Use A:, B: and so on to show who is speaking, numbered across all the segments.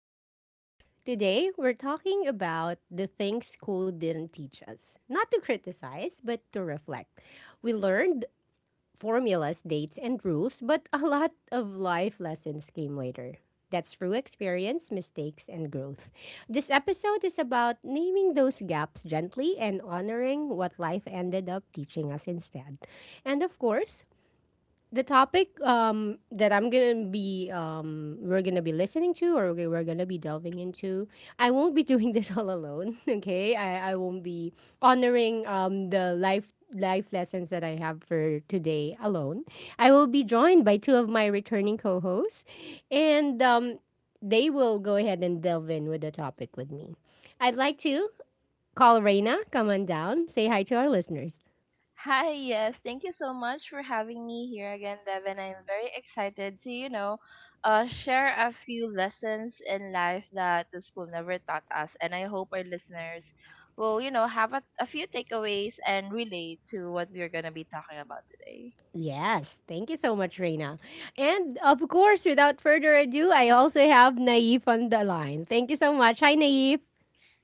A: Echo Lounge. Today, we're talking about the things school didn't teach us. Not to criticize, but to reflect. We learned formulas, dates, and rules, but a lot of life lessons came later. That's through experience, mistakes, and growth. This episode is about naming those gaps gently and honoring what life ended up teaching us instead. And of course, the topic that I'm gonna be we're gonna be listening to or we're gonna be delving into. I won't be doing this all alone. Okay, I won't be honoring the life lessons that I have for today alone. I will be joined by two of my returning co-hosts, and they will go ahead and delve in with the topic with me. I'd like to call Reina. Come on down. Say hi to our listeners.
B: Hi, yes. Thank you so much for having me here again, Devin. I'm very excited to, share a few lessons in life that the school never taught us. And I hope our listeners will, have a few takeaways and relate to what we're going to be talking about today.
A: Yes, thank you so much, Reina. And of course, without further ado, I also have Naif on the line. Thank you so much. Hi, Naif.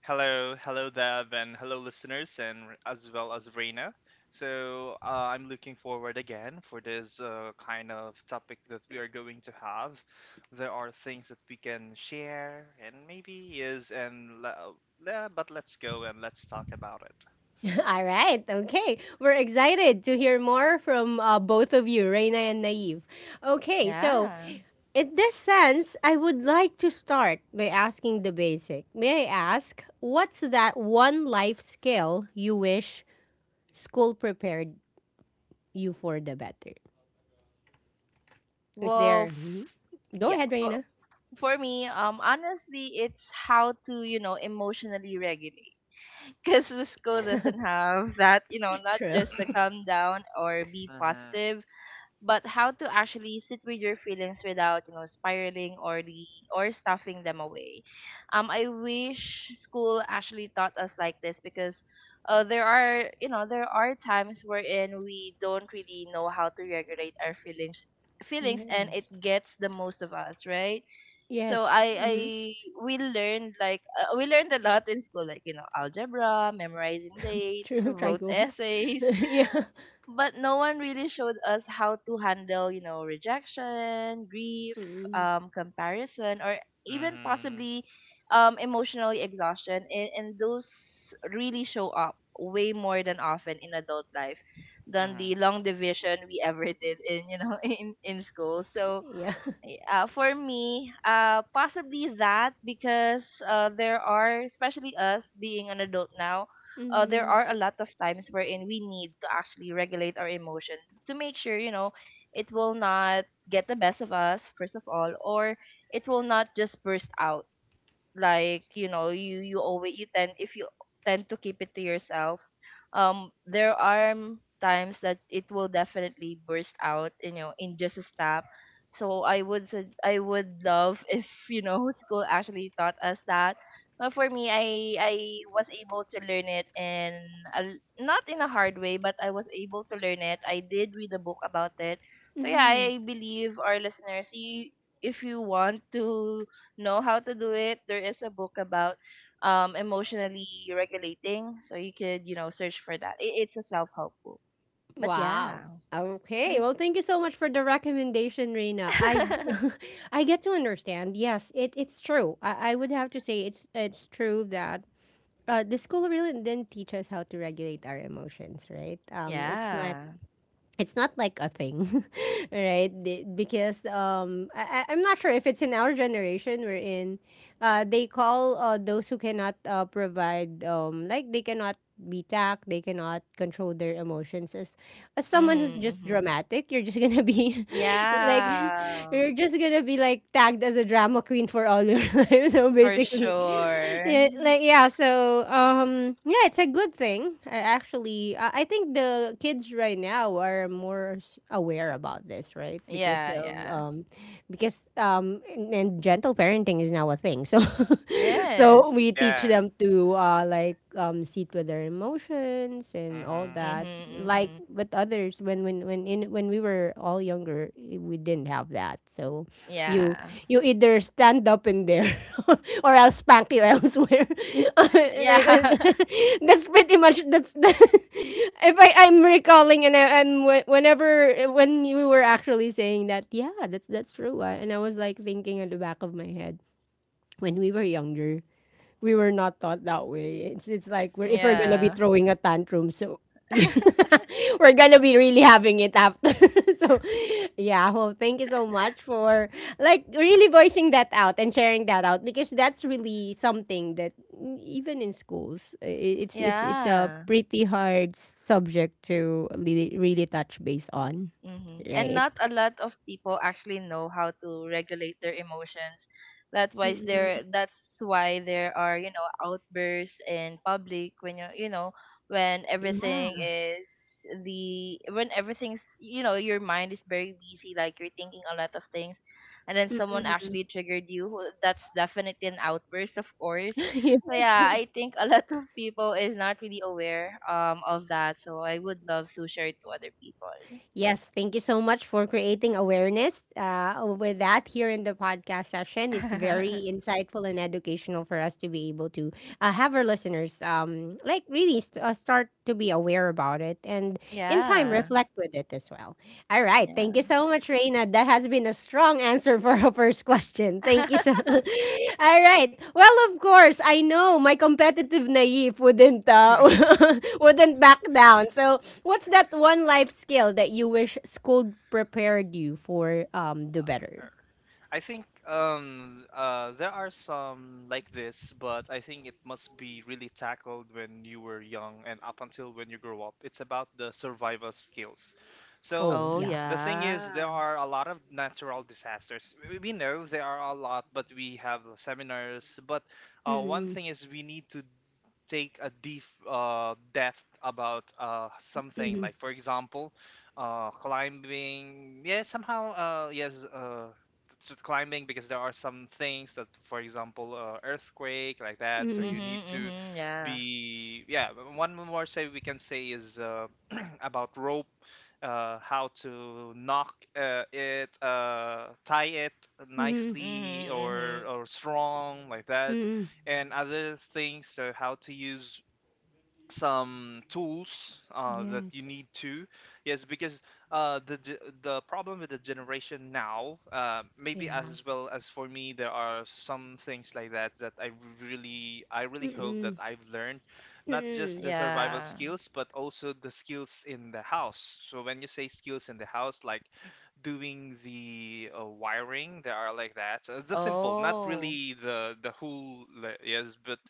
C: Hello, hello, Dev, and hello, listeners, and as well as Reina. So I'm looking forward again for this kind of topic that we are going to have. There are things that we can share, and maybe is and but let's go and let's talk about it.
A: All right, okay. We're excited to hear more from both of you, Reina and Naif. Okay, so
B: Yeah.
A: in this sense, I would like to start by asking the basic. May I ask, what's that one life skill you wish school prepared you for the better? Is
B: Well,
A: there. Mhm.
B: f-
A: Go
B: yeah.
A: ahead, Reina.
B: For me, honestly, it's how to emotionally regulate. Because the school
C: Oh.
B: doesn't have that, you know, not
A: True.
B: just the calm down or be
C: Mhm.
B: positive, but how to actually sit with your feelings without, spiraling or stuffing them away. I wish school actually taught us like this because there are, there are times wherein we don't really know how to regulate our feelings and it
A: Yes.
B: gets the most of us, right? So
A: Yes.
B: I
A: Mhm.
B: we learned like we learned a lot in school like algebra, memorizing dates,
A: True,
B: wrote
A: Trigo.
B: essays,
A: Yeah.
B: but no one really showed us how to handle rejection, grief,
A: Mm.
B: comparison, or even
C: Mhm.
B: possibly emotional exhaustion, and those really show up way more than often in adult life than
C: Mhm.
B: the long division we ever did in in school. So
A: Yeah.
B: for me, possibly that, because there are, especially us being an adult now, there
A: Mhm.
B: are a lot of times wherein we need to actually regulate our emotions to make sure, you know, it will not get the best of us, first of all, or it will not just burst out like you always you tend, if you tend to keep it to yourself, there are times that it will definitely burst out, in just a stop. So I would love if school actually taught us that. But for me, I was able to learn it in not in a hard way, but I was able to learn it. I did read a book about it. So yeah,
A: Mhm.
B: I believe our listeners, you if you want to know how to do it, there is a book about emotionally regulating. So you could, you know, search for that. It's a self help book. But
A: Wow.
B: yeah.
A: Okay. Well, thank you so much for the recommendation, Reina. I I get to understand. Yes, it's true. I would have to say it's true that the school really didn't teach us how to regulate our emotions, right?
B: yeah.
A: It's not like a thing, right? Because I'm not sure if it's in our generation we're in. They call those who cannot provide, like they cannot be tact, they cannot control their emotions as someone who's
B: Mm-hmm,
A: just
B: mm-hmm.
A: dramatic, you're just gonna be like
B: Yeah.
A: you're just gonna be like tagged as a drama queen for all your life. So
B: For
A: basically,
B: sure.
A: yeah, like yeah. So yeah, it's a good thing. I actually, I think the kids right now are more aware about this, right? Because
B: Yeah,
A: of
B: yeah.
A: because and gentle parenting is now a thing. So
B: Yes.
A: So we teach
C: Yeah.
A: them to like sit with their emotions and all
C: Mhm.
B: Mm-hmm,
A: that. Like
B: mm-hmm.
A: with others, when in when we were all younger, we didn't have that. So you
B: Yeah.
A: you either stand up in there or I'll spank you elsewhere. Like,
B: Yeah.
A: that's pretty much that's if I'm recalling and I'm whenever when you were actually saying that, yeah, that's true. I, and I was like thinking at the back of my head when we were younger we were not taught that way. It's like we're if we're gonna be
B: yeah.
A: throwing a tantrum, so we're gonna be really having it after. So yeah, well, thank you so much for like really voicing that out and sharing that out because that's really something that mm, even in schools, it's a
B: yeah.
A: pretty hard subject to really really touch base on,
B: Mm-hmm. And
A: right?
B: not a lot of people actually know how to regulate their emotions.
A: Mm.
B: That's why there are, outbursts in public, when when everything
A: Yeah.
B: is the when everything's, your mind is very busy, like you're thinking a lot of things, and then someone
A: Mm-mm.
B: actually triggered you. Well, that's definitely an outburst, of course. So
A: Yes.
B: yeah, I think a lot of people is not really aware of that, so I would love to share it to other people.
A: Yes, thank you so much for creating awareness with that here in the podcast session. It's very insightful and educational for us to be able to have our listeners like really start to be aware about it and in time
B: Yeah.
A: reflect with it as well. All right. Thank you
B: Yeah.
A: so much, Reina. That has been a strong answer for our first question. Thank you so All right. Well, of course, I know my competitive naive wouldn't wouldn't back down. So, what's that one life skill that you wish school prepared you for the better?
C: I think there are some like this, but I think it must be really tackled when you were young and up until when you grow up. It's about the survival skills. So
A: Oh,
B: Oh,
A: yeah.
C: the thing is there
B: yeah.
C: are a lot of natural disasters. We know there are a lot, but we have seminars, but one
A: Mm-mm,
C: thing is we need to take a deep depth about something
A: mm-mm,
C: like, for example, climbing, yeah, somehow, yes, climbing, because there are some things that, for example, earthquake like that, so
B: Mm-hmm,
C: you
A: mm-mm,
C: need to
B: mm-hmm, yeah.
C: be. Yeah, one more say we can say is, about rope, how to knock it, tie it
A: mm-mm,
B: Mm-hmm,
C: nicely,
B: mm-hmm.
C: or strong like that,
A: mm-mm.
C: and other things, so how to use some tools that you
A: Yes.
C: need to. Yes, because the the problem with the generation now, maybe
A: Yeah.
C: as well as for me, there are some things like that that I really hope that
A: Mm-mm.
C: I've learned, not just
A: Mm-mm.
C: the survival
B: Yeah.
C: skills but also the skills in the house. So when you say skills in the house, like doing the wiring that are like that. The simple, not
B: Oh.
C: really the whole, like, yes, but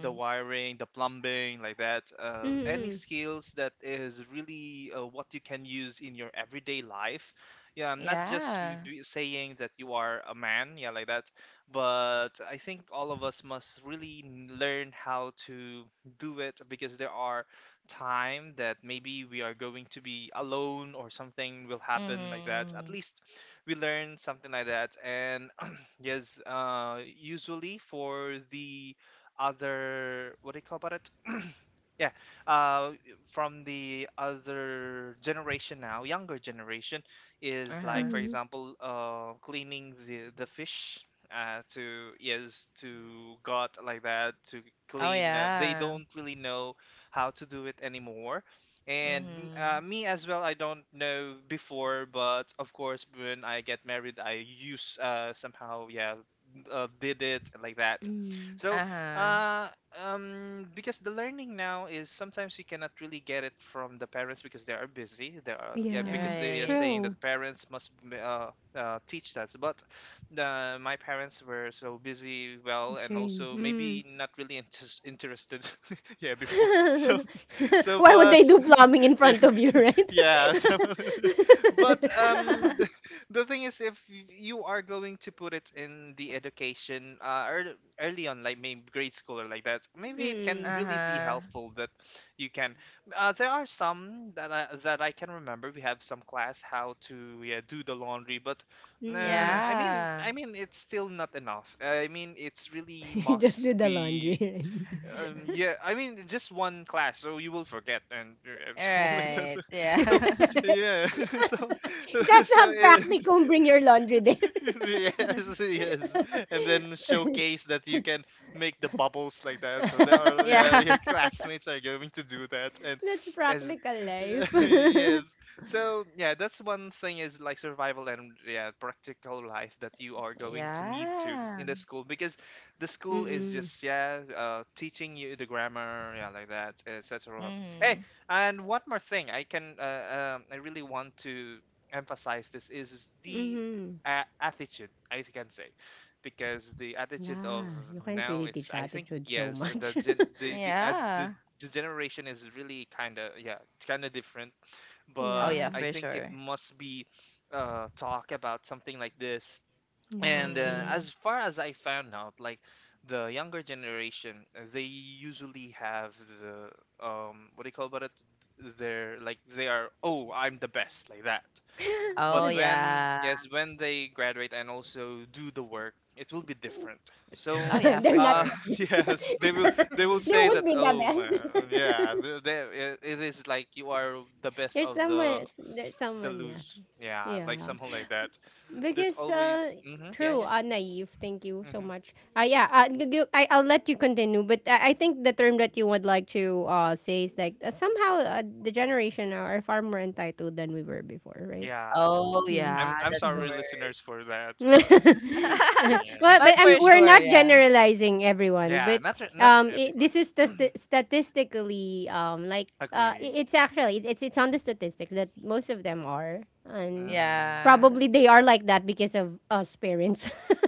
C: the wiring, the plumbing, like that. Any
A: Mm-mm.
C: skills that is really what you can use in your everyday life. Yeah, I'm not just
B: Yeah.
C: saying that you are a man, yeah, like that. But I think all of us must really learn how to do it, because there are time that maybe we are going to be alone or something will happen like that. At
B: Mm-hmm. Hmm.
C: least we learn something like that. And yes, usually for the other, what do you call about it? Yeah, uh, from the other generation now, younger generation, is
B: Uh-huh.
C: like, for
A: Mhm.
C: example, cleaning the fish, to, yes, to gut like that, to
B: Oh,
C: clean. They
B: yeah.
C: don't really know how to do it anymore, and
B: Mm-hmm.
C: me as well. I don't know before, but of course, when I get married, I use, somehow, yeah, did it like that.
A: Mm.
C: So
B: Uh-huh.
C: uh, because the learning now is sometimes you cannot really get it from the parents because they are busy. They are, yeah,
B: You're
C: because
A: Yeah.
C: they are
B: right.
C: saying that
A: True.
C: the parents must teach that. But the, my parents were so busy, well, and
A: Same.
C: also
A: Mm.
C: maybe not really interested. Yeah, before. So so,
A: Why would
C: but
A: they do plumbing in
C: yeah,
A: front of you, right?
C: yeah, so but the thing is, if you are going to put it in the education, early on, like maybe grade school or like that, maybe it can
A: Mm-mm.
C: really be
B: Uh-huh.
C: helpful that you can. Uh, there are some that that I can remember we have some class how to, yeah, do the laundry, but nah.
A: Mm-mm.
C: I mean
B: Yeah.
C: I mean it's still not enough. I mean it's really
A: You just
C: must
A: did the laundry,
C: be
A: right?
C: yeah, I mean just one class, so you will forget, and
B: All
C: so it does,
B: right.
C: so
B: Yeah.
C: yeah, so
A: It has to
C: so
A: have
C: it,
A: practicum. Bring your laundry there.
C: yes, yes, and then showcase that you can make the bubbles like that. So there are, yeah, your
B: Yeah.
C: classmates are going to do that, and
A: That's
C: as
A: practical life.
C: yes, so yeah, that's one thing is like survival and, yeah, practical life that you are going to need to
B: Yeah.
C: in the school, because the school is
A: Mm-mm.
C: just, yeah, teaching you the grammar, yeah, like that, etc. Hey,
B: Mm-hmm.
C: and one more thing I can, I really want to emphasize this, is the
A: Mm-hmm.
C: attitude, if you can say, because the attitude of
A: Yeah, you can't
C: now
A: really
C: is,
A: teach
C: I think,
A: attitude so
C: yes, the
A: much.
C: gen- the the, uh, the
B: Yeah.
C: the generation is really kind of, yeah, it's kind of different.
B: Oh
C: But
B: yeah,
A: Yeah.
C: I
B: for
C: think it
B: sure.
C: must be talk about something like this.
A: Yeah,
C: And
A: true.
B: Mhm.
C: as far as I found out, like the younger generation, they usually have the what do you call about it? They're like they are, oh, I'm the best, like that. But
B: Oh
C: when,
B: yeah.
C: yes, when they graduate and also do the work, it will be different.
B: Oh
C: So
B: yeah,
A: They're
B: for
A: not
C: uh
A: the
B: sure.
A: best.
C: yes, they will, they will
A: They
C: say
A: won't
C: that,
A: be the
C: oh man,
A: best.
C: yeah, there it, it is like you are the best
A: There's
C: of
A: someone, there's
C: the
A: someone, yeah.
C: loose, yeah, like
A: Yeah.
C: something like that. There's
A: Because,
C: always, hmm, yeah,
A: true,
C: yeah,
A: naive, thank you so
C: hmm,
A: much. Yeah, I'll let you continue, but I think the term that you would like to say is like, somehow the generation now are far more entitled than we were before, right?
C: yeah.
B: Oh
A: Mm.
C: i'm
B: yeah,
C: i'm
B: that's the
C: sorry
B: word.
C: listeners for that, but yeah,
A: Well,
B: but
A: but
B: for
A: we're
B: sure,
A: not
B: yeah.
A: generalizing everyone,
C: yeah,
A: but
C: not
A: it,
C: everyone
A: this is the statistically like
C: agree.
A: it's actually it's on the statistics that most of them are, and
C: Mm-hmm.
B: Yeah.
A: probably they are like that because of us parents.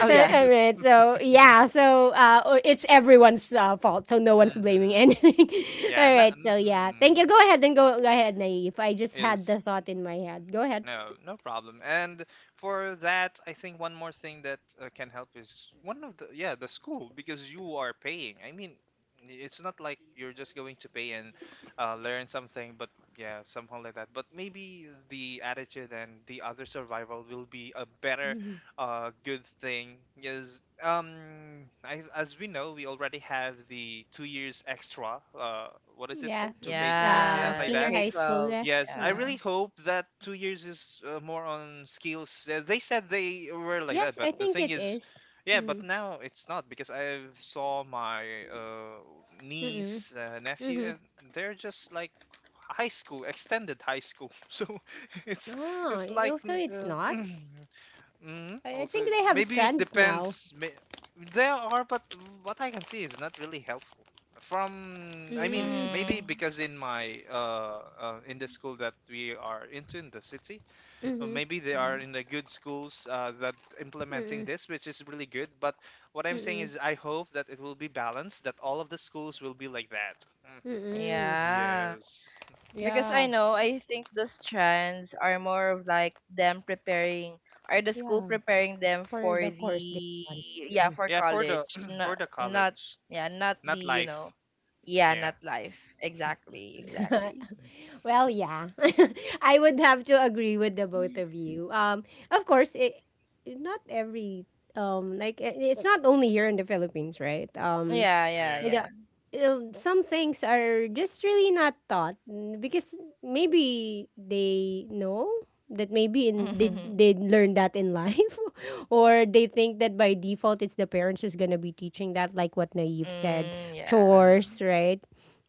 B: Oh yeah.
A: I mean, so yeah, so it's everyone's fault, so no one's blaming
C: Mm-hmm.
A: anything.
C: Yeah,
A: All
C: not
A: right, so yeah, thank
C: mm,
A: you. Go ahead and go ahead, Naive. I just
C: is.
A: had the thought in my head. Go ahead.
C: No, no problem. And for that, I think one more thing that can help is one of the, yeah, the school, because you are paying. I mean, it's not like you're just going to pay and learn something, but yeah, somehow like that. But maybe the attitude and the other survival will be a better, good thing. Yes, I, as we know, we already have the 2 years extra. What is it
A: Yeah.
C: called? Two K 12? Yeah,
B: Yeah.
C: like
A: Senior
C: that.
B: K
A: high school,
B: K-12.
A: yeah.
C: Yes, I
A: Mm.
B: Yeah.
C: really hope that 2 years is more on skills. They said they were like that,
A: Yes,
C: but
A: I
C: the
A: think
C: thing
A: it
C: is,
A: is.
C: yeah, but
A: Mm.
C: now it's not, because I saw my
A: Mm-mm.
C: niece, nephew,
A: Mm-hmm.
C: and they're just like high school, extended high school. So it's
A: Oh,
C: it's
A: oh,
C: like
A: so it's
C: uh,
A: not?
C: Mm,
A: I think
C: also,
A: they have
C: maybe it
A: strands now.
C: depends. There are, but what I can see is not really helpful. From, I mean,
A: Mm.
C: maybe
B: Mhm.
C: because in my in the school that we are into in the city, or
A: Mm-hmm.
C: maybe they are
B: Mm.
C: in the good schools that implementing
A: Mm-mm.
C: this, which is really good. But what I'm saying
A: Mm-mm.
C: is, I hope that it will be balanced, that all of the schools will be like that. Mhm.
A: Mm-mm.
B: Yeah.
C: Yes.
B: Because I
A: Yeah.
B: know, I think the strands are more of like them preparing, are the school
A: Yeah.
B: preparing them
A: For
B: for
A: the course they
B: the,
A: want.
B: yeah,
A: Mhm.
B: for
C: Yeah, for the
B: college.
C: for
B: Not,
C: the
B: not,
C: college,
B: yeah, not the,
C: not
B: you
C: life.
B: know, yeah,
C: Yeah.
B: not life. Exactly, exactly.
A: Well, yeah. I would have to agree with the both of you. Of course, it, not every like it's not only here in the Philippines, right?
B: Yeah, yeah,
C: Yeah.
A: Without,
B: yeah.
A: some things are just really not taught mm, because maybe they know that maybe in they learn that in life or they think that by default it's the parents who's gonna be teaching that like what naive said
B: Mm-hmm. Mm, yeah.
C: Mm,
A: chores right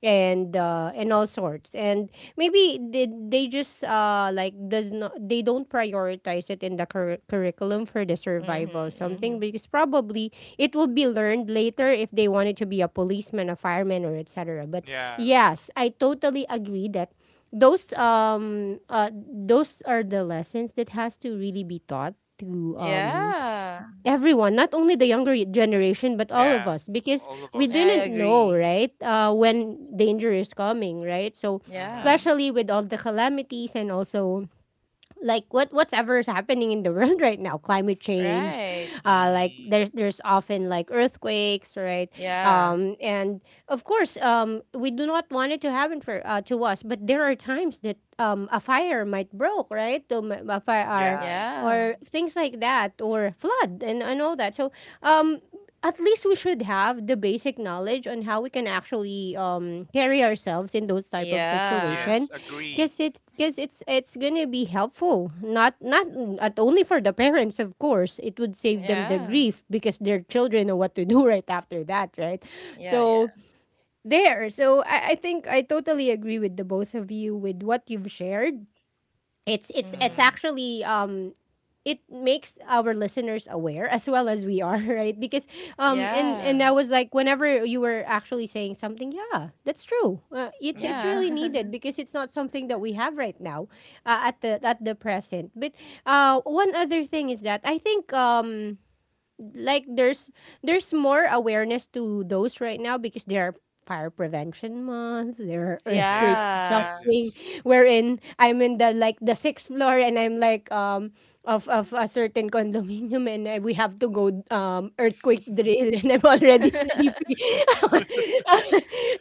A: and all sorts and maybe they just like does not they don't prioritize it in the curriculum for the survival
B: Mm-hmm, mm-hmm.
A: something because probably it will be learned later if they wanted to be a policeman, a fireman, or et cetera. But
C: yeah.
A: yes, I totally agree that those are the lessons that has to really be taught to
B: Yeah.
A: everyone, not only the younger generation but all of
C: Yeah,
A: us, because
C: all of
A: we
B: Yeah, I
C: us.
A: didn't know
B: agree.
A: right when danger is coming, right? So
B: Yeah.
C: Mhm.
A: especially with all the calamities and also like what whatever is happening in the world right now, climate change,
B: Right.
A: uh, like
C: Mhm.
A: there's often like earthquakes, right?
B: Yeah.
A: Um, and of course we do not want it to happen for to us, but there are times that a fire might broke right to a fire
C: Yeah.
B: Yeah.
A: or things like that or flood and all that. So um at least we should have the basic knowledge on how we can actually carry ourselves in those type of
C: Yes.
B: Yeah.
A: situation
C: Agree.
A: because it's gonna be helpful, not not at only for the parents, of course. It would save them the
B: Yeah.
A: grief because their children know what to do right after that, right?
B: Yeah, yeah.
A: So there. So I think I totally agree with the both of you with what you've shared. It's
B: Mm-hmm.
C: Mhm.
A: actually it makes our listeners aware as well as we are right because
C: Yes.
A: and
B: Yeah.
A: I was like whenever you were actually saying something yeah that's true, it's
C: Mhm.
B: Yeah.
A: really needed because it's not something that we have right now, at the present. But one other thing is that I think like there's more awareness to those right now because there are fire prevention month there are earthquake
C: Yes. Yes.
B: Yeah.
C: Yes.
A: something wherein I'm in the like the sixth floor and I'm like of a certain condominium and I, we have to go earthquake drill and I'm already sleepy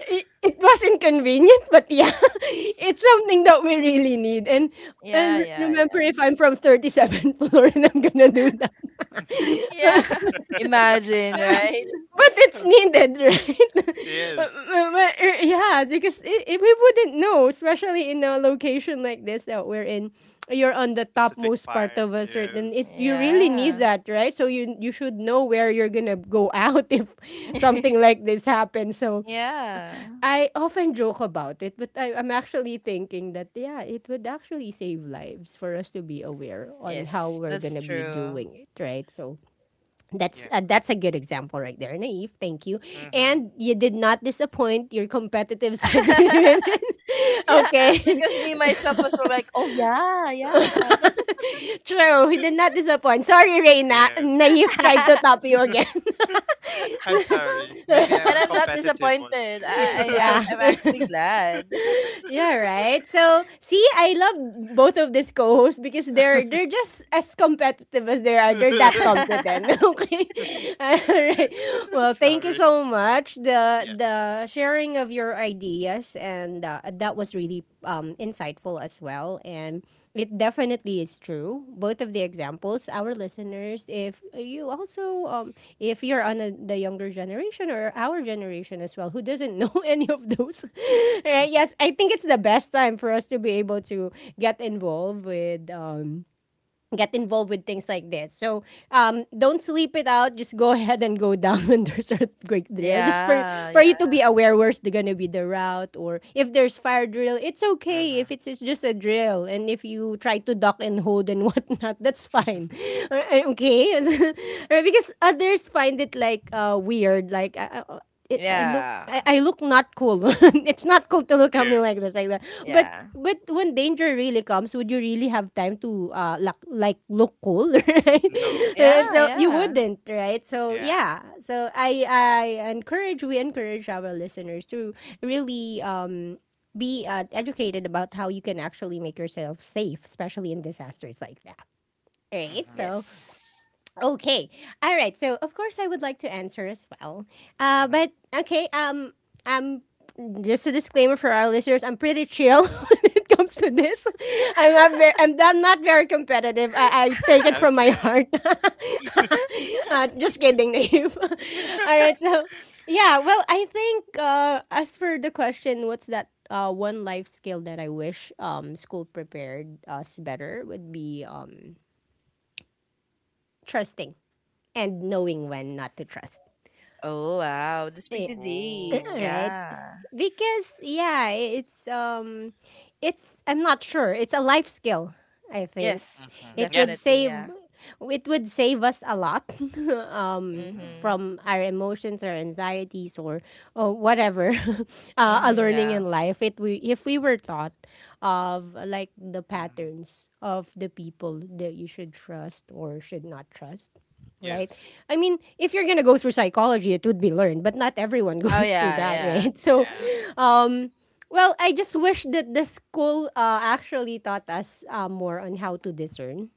A: it was inconvenient but yeah it's something that we really need. and
B: Yeah,
A: and
B: yeah,
A: remember
B: yeah.
A: if I'm from 37th floor and I'm gonna do that.
B: Yeah. Imagine, right?
A: But it's
C: Okay.
A: needed, right?
C: Yes.
A: Uh, but, yeah, because we wouldn't know, especially in a location like this that we're in. You're on the
C: That's a big
A: topmost part of
C: fire.
A: a certain.
C: Yes.
A: It you
C: Hmm.
A: really need
B: Yeah.
A: that, right? So you should know where you're gonna go out if something like this happens. So
B: Yeah.
A: I often joke about it, but I'm actually thinking that yeah, it would actually save lives for us to be aware on how
B: Yes,
A: we're
B: that's
A: gonna be
B: true.
A: doing it, right? So
C: Yeah.
A: that's a good example right there, Naive. Thank you.
C: Mhm.
A: And you did not disappoint. Your competitive side really win.
B: yeah,
A: Okay.
B: because me myself was all like, oh yeah, yeah,
A: True. He did not disappoint. Sorry, Reina.
C: Yes.
A: Naive tried to top you again.
C: I'm sorry. Maybe I'm
B: and
C: a
B: I'm not
C: competitive one.
B: disappointed. I, I I'm
A: Yeah.
B: I'm actually glad.
A: Yeah, right. So see, I love both of these co-hosts because they're just as competitive as they are. They're that competent. Okay. All right. Well, thank you
C: Sorry.
A: so much. The
C: Yeah.
A: the sharing of your ideas and that was really insightful as well. And it definitely is true. Both of the examples, our listeners, if you also if you're on the younger generation or our generation as well who doesn't know any of those right? Yes, I think it's the best time for us to be able to get involved with um get involved with things like this. So don't sleep it out. Just go ahead and go down when there's earthquake drill, just
B: Yeah,
A: for you to
B: yeah.
A: be aware where's the, gonna be the route, or if there's fire drill. It's okay if
C: Mhm.
A: it's just a drill, and if you try to duck and hold and whatnot, that's fine. Okay. Or because others find it like weird. Like it, I look.
B: Yeah.
A: I look not cool. It's not cool to look at
C: Yeah.
A: me like this, like that. But
B: Yeah.
A: when danger really comes, would you really have time to like look cool, right?
C: No.
A: Right?
C: You-
B: Yeah,
A: So you
B: yeah.
A: wouldn't, right? So
C: Yeah.
A: yeah. So I encourage we encourage our listeners to really be educated about how you can actually make yourself safe, especially in disasters like that. Right?
C: Mhm.
A: So
B: Yes.
A: okay. All right. So, of course, I would like to answer as well.
C: Mhm.
A: But okay. I'm just a disclaimer for our listeners. I'm pretty chill when it comes to this. I'm not very competitive. I take it from my
C: Okay.
A: heart. Just kidding, Naive. All right. So, yeah. Well, I think as for the question, what's that? One life skill that I wish school prepared us better would be trusting and knowing when not to trust.
B: Oh, wow. That's
A: Eh,
B: pretty deep.
C: Oh.
A: right?
B: Yeah.
A: Because yeah, it's I'm not sure. It's a life skill, I think.
B: Yes,
C: Mhm.
A: It would
C: Yes.
B: definitely.
A: save
B: Yeah.
A: it would save us a lot
C: Mhm.
B: Mhm.
A: from our emotions or anxieties, or whatever. A
B: Mhm.
A: learning
B: Yeah.
A: in life. It we If we were taught of like the
C: Mhm.
A: patterns of the people that you should trust or should not trust, right?
C: Yes.
A: I mean, if you're gonna go through psychology, it would be learned, but not everyone
B: Oh,
A: goes through
B: yeah.
A: that,
B: Yeah.
A: right? So,
B: Yeah.
C: Yeah.
A: um, well, I just wish that the school actually taught us more on how to discern,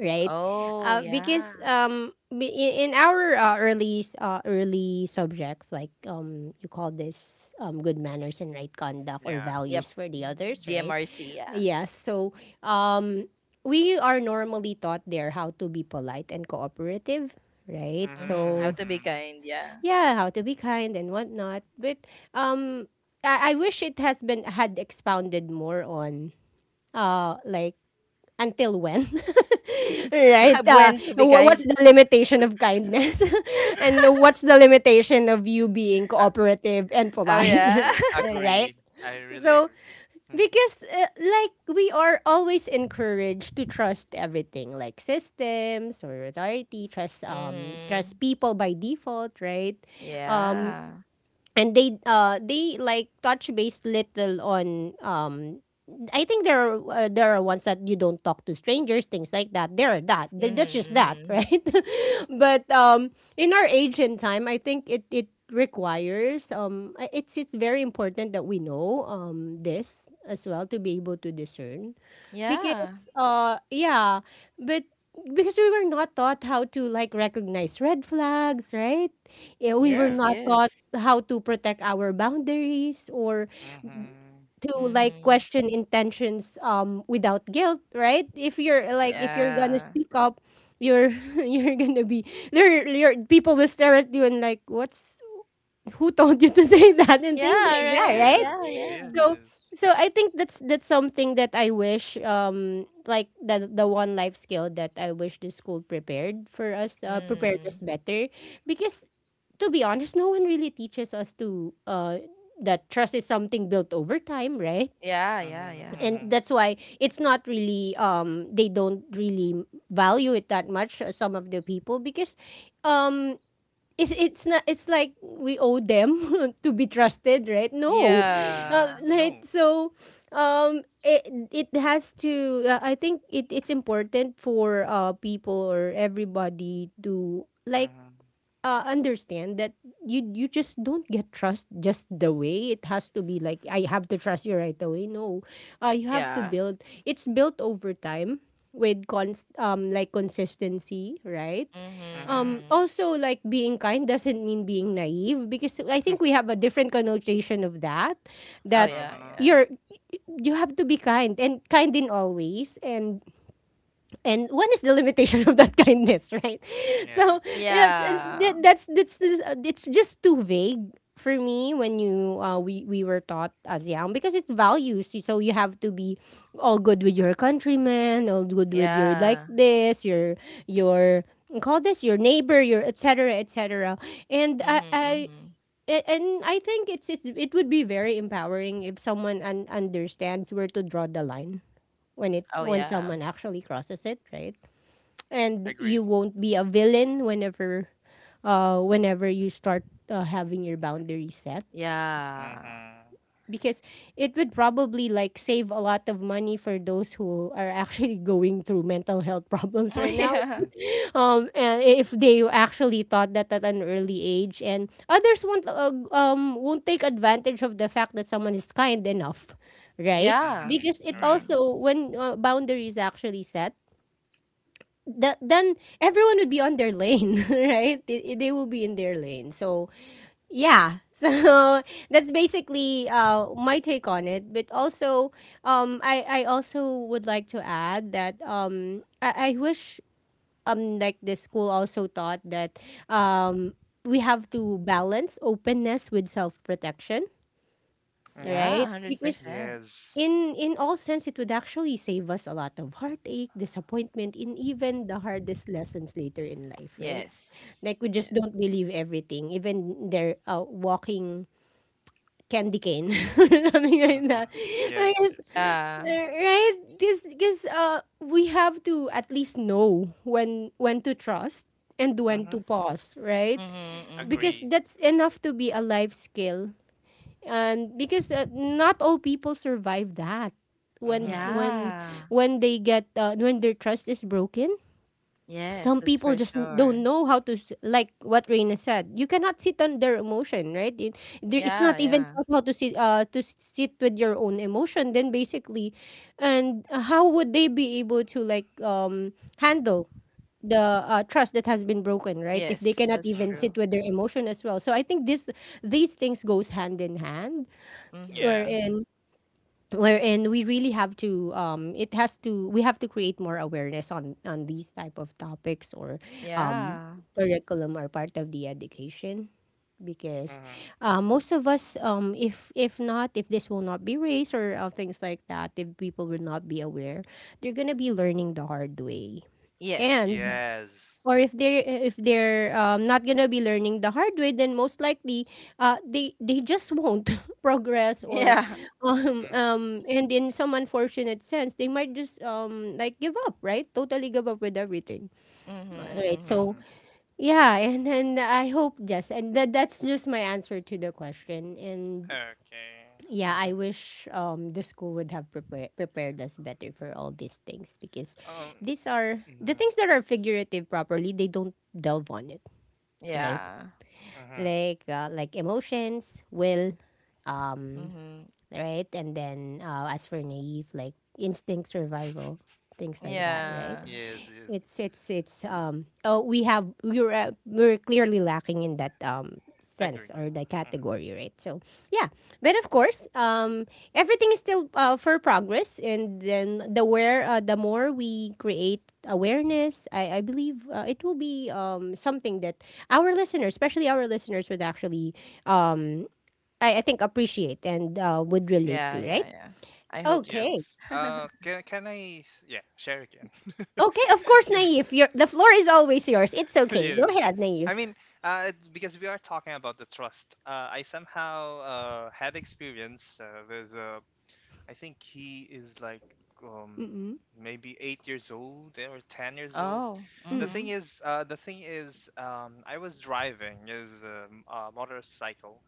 A: right?
B: Oh, yeah.
A: Because in our early subjects, like you call this good manners and right conduct or
C: Yeah.
B: Yep.
A: values for the others, right?
B: GMRC. Yeah.
A: Yes. So um, we are normally taught there how to be polite and cooperative, right?
C: Mm-hmm,
B: Mhm.
A: So
B: How to be
C: mm-hmm.
B: kind. Yeah.
A: yeah, how to be kind and whatnot. But um, I wish it has been had expounded more on like until when? Right?
B: Have When to be kind.
A: What's the limitation of kindness? And what's the limitation of you being
C: I
A: cooperative and
B: Oh,
A: polite?
B: yeah.
A: Right?
C: agree. I really
A: So,
C: agree. Mm-hmm.
A: because like we are always encouraged to trust everything, like systems or authority, trust
B: Mhm.
A: trust people by default, right? Um
B: Yeah.
A: and they like touch base little on I think there are ones that you don't talk to strangers, things like that. There are that. That's just that,
B: Mhm. Mhm.
A: right? But in our age and time, I think it requires it's very important that we know this as well to be able to discern, because
B: Yeah.
A: yeah but because we were not taught how to like recognize red flags, right? Yeah, we were
B: Yes.
A: not
C: Yes.
A: taught
B: Yes.
A: how to protect our boundaries, or
C: Mm-hmm.
A: to like
B: Mhm.
A: question intentions without guilt, right? If
C: Yes.
A: you're gonna
B: Yeah.
A: speak up, you're you're gonna be there your people will stare at you and like what's who told you to say that, and things
B: Yeah.
A: like that,
B: Right.
A: right?
B: Yeah.
C: Yes.
B: Yeah.
C: Yes.
A: so
C: Yes.
A: so I think that's something that I wish, like the one life skill that I wish the school prepared us
B: Mm.
A: better, because to be honest, no one really teaches us to that trust is something built over time, right?
B: Yeah. Yeah. Yeah.
C: Mm-hmm.
A: And
C: Mm-hmm.
A: that's why it's not really they don't really value it that much. Some of the people, because um, it's not it's like we owe them to be trusted, right? No,
C: Mm-hmm.
B: Yeah.
A: like
C: No.
A: so um, it it has to. I think it's important for people or everybody to like
C: Mm-hmm.
A: understand that you just don't get trust just the way it has to be like I have to trust you right away. No, you have to
B: Yeah.
A: build. It's built over time with const like consistency, right?
B: Mhm,
C: Mm-hmm.
B: mhm.
A: Also, like being kind doesn't mean being naive, because I think we have a different connotation of that.
B: Oh,
A: That
B: yeah,
C: Uh-huh.
B: yeah.
A: you're you have to be kind and kind in all ways, and when is the limitation of that kindness, right?
C: Yeah.
A: So yes, and
B: Yeah.
A: that's it's just too vague for me when you we were taught as young because it's values, so you have to be all good with your countrymen, all good with your like
B: Yeah.
A: this your your call this your neighbor, your etc etc. And
B: Mhm, mhm.
A: and I think it's it would be very empowering if someone understands where to draw the line, when it
B: Oh,
A: when
B: yeah.
A: someone actually crosses it, right? And you
C: Agree.
A: won't be a villain whenever whenever you start having your boundaries set,
B: Yeah.
C: Mm-hmm.
A: because it would probably like save a lot of money for those who are actually going through mental health problems right now.
B: Yeah.
A: And if they actually thought that at an early age, and others won't take advantage of the fact that someone is kind enough, right?
B: Yeah.
C: Mm-hmm.
A: Because it
C: Yeah.
B: Mhm.
A: also when boundaries actually set, then everyone would be on their lane, right? They will be in their lane. So, yeah. So, that's basically my take on it. But also, I also would like to add that I wish like the school also taught that um, we have to balance openness with self protection,
C: Mm-hmm.
B: Yeah,
A: right? Because
B: 100%.
C: Yes.
A: in all sense, it would actually save us a lot of heartache, disappointment, and even the hardest lessons later in life, right?
B: Yes.
A: Like we just
B: Yes.
A: don't believe everything, even they're walking candy cane, or something like
C: Mm-hmm.
A: that. I
C: Yes.
A: guess,
C: Yes.
B: Yeah.
A: right? Because we have to at least know when to trust and when
C: Mm-hmm.
A: to pause, right?
B: Mhm,
A: Because
B: mhm.
C: Agree.
A: that's enough to be a life skill, because not all people survive that when
C: Mm-hmm.
A: when
B: Yeah.
A: when they get when their trust is broken.
B: Yes,
A: Some
B: that's
A: people
B: for
A: just don't
B: sure.
A: know how to like what Reina said, you cannot sit on their emotion, right? It, there, it's
B: Yeah,
A: not even
B: yeah.
A: about how to sit sit with your own emotion, then basically. And how would they be able to like handle the trust that has been broken, right? If they
B: Yes,
A: cannot
B: that's
A: even
C: Mm-hmm.
B: true.
A: sit with their emotion as well, so I think this these things goes hand in hand,
B: Mhm,
C: Yeah.
A: wherein
B: mhm.
A: we really have to it has to we have to create more awareness on these type of topics or um
B: Yeah.
A: curriculum are part of the education, because
C: Mm-hmm.
A: most of us if not if this will not be raised, or things like that, if people will not be aware, they're gonna be learning the hard way.
B: Yes.
A: And
C: Yes.
A: or if they if they're not gonna be learning the hard way, then most likely they just won't progress or
B: Yeah.
C: Mm-hmm.
A: and in some unfortunate sense, they might just like give up, right? Totally give up with everything. All
B: Mhm,
A: right, so
B: mhm.
C: Mm-hmm.
A: yeah. And then I hope, yes, and that's just my answer to the question. And
C: Okay.
A: yeah, I wish the school would have prepared us better for all these things, because
C: Um,
A: these are the things that are figurative properly, they don't delve on it, right?
B: Yeah.
C: Mm-hmm.
A: Like emotions, will, um,
B: Mhm.
A: right, and then as for naive, like instinct, survival, things like that, right?
B: Yeah.
C: Yes, yes.
A: It's um oh we have we were clearly lacking in that sense
C: Agree.
A: or the category, right? So yeah. But of course, everything is still for progress. And then the more we create awareness, I believe it will be something that our listeners, especially our listeners, would actually um I think appreciate and would relate
B: Yeah,
A: to, right?
B: yeah, yeah. I hope so.
A: Okay.
C: Yes. Can I? Yeah, share again.
A: Okay, of course,
C: Yeah,
A: Naive, your the floor is always yours, it's okay, go
C: yes.
A: ahead, Naive.
C: I mean, it's because we are talking about the trust. I somehow had experience with I think he is like, um,
A: Mm.
C: maybe 8 years old, eh, or 10 years old.
B: Oh.
A: Mm.
B: Mhm.
C: The thing is, I was driving is a, a motorcycle,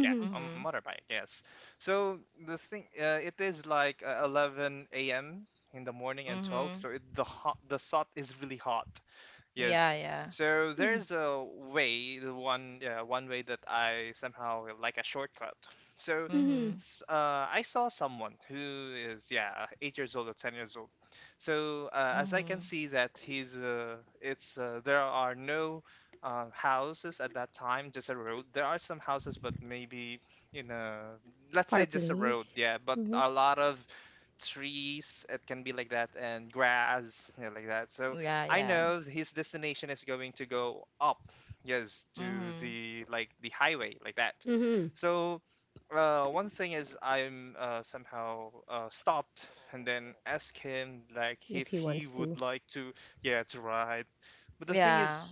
C: yeah, a
B: Mhm.
C: motorbike, yes. So the thing, it is like 11 a.m. in the morning and 12,
B: Mhm.
C: so it, the hot, the sun is really hot. Yes.
B: Yeah, yeah.
C: So
A: Mhm.
C: there's a way, the one, one way that I somehow like a shortcut. So
A: Mhm.
B: Mhm.
C: I saw someone who is, yeah, 8 years old or 10 years old. So as I can
B: Mhm.
C: see that he's, it's there are no houses at that time, just a road. There are some houses, but maybe in a, let's say, just a road,
A: Fireplace.
C: yeah. But
A: Mhm.
C: a lot of trees. It can be like that, and grass, yeah, like that. So
B: Yeah,
C: I
B: yeah.
C: know his destination is going to go up, yes, to
B: Mhm.
C: the, like, the highway like that.
A: Mhm.
C: So one thing is I'm, somehow, stopped and then ask him like
A: If
C: if
A: he
C: he
A: wants to.
C: would like to, yeah, to ride. But the thing
B: Yeah.
C: is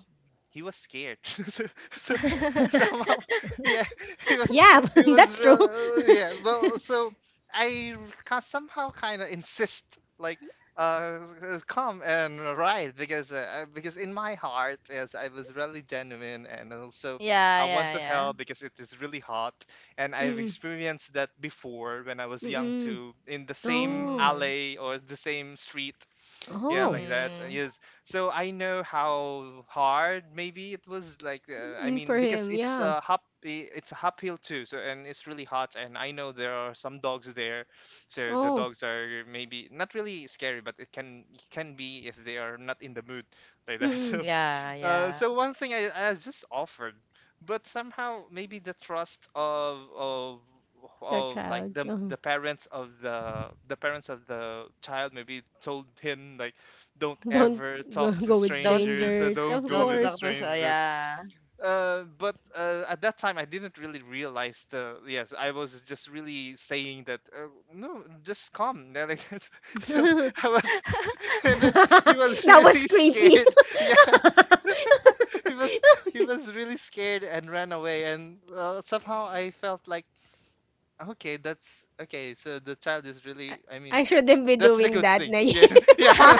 C: he was scared so, somehow yeah he was
A: Yeah,
C: he was
A: that's true.
C: real, yeah, well, so i somehow kind of insist like uh come and ride because in my heart, yes, I was really genuine, and also
B: Yeah,
C: I want
B: yeah,
C: to
B: yeah.
C: help because it is really hot, and I've
A: Mm.
C: experienced that before when I was young
A: Mm.
C: too, in the same
A: Oh.
B: Mhm.
C: alley or the same street, yeah,
A: Oh.
C: like that.
B: Mhm.
C: Yes, so I know how hard maybe it was. Like, I
A: Mm, for
C: mean, because
A: him, yeah.
C: it's a uphill too, so. And it's really hot and I know there are some dogs there, so the
A: Oh,
C: dogs are maybe not really scary, but it can be if they are not in the mood, like that.
A: mm-mm.
C: So,
B: Yeah, yeah.
C: so one thing, I just offered, but somehow maybe the trust of of
A: Their
C: of like
A: child.
C: the
A: Uh-huh.
C: the parents of the the parents of the child, maybe, told him like, don't
A: Don't
C: ever
A: go,
C: talk to
A: go with
B: Don't
C: strangers, or
A: strangers, of
C: don't go
B: don't
C: with the
A: course.
B: talk to, so
C: strangers.
B: yeah.
C: But at that time I didn't really realize the yes, I was just really saying that, no, just come. They're like, so
A: That
C: I was, I was
A: was
C: really
A: creepy.
C: scared. He was, he was really scared, and ran away. And somehow I felt like, okay, that's okay, so the child is really, I mean,
A: I shouldn't be
C: that's a
A: doing
C: good
A: that,
C: thing,
A: Naive.
C: yeah. Yeah,
A: Good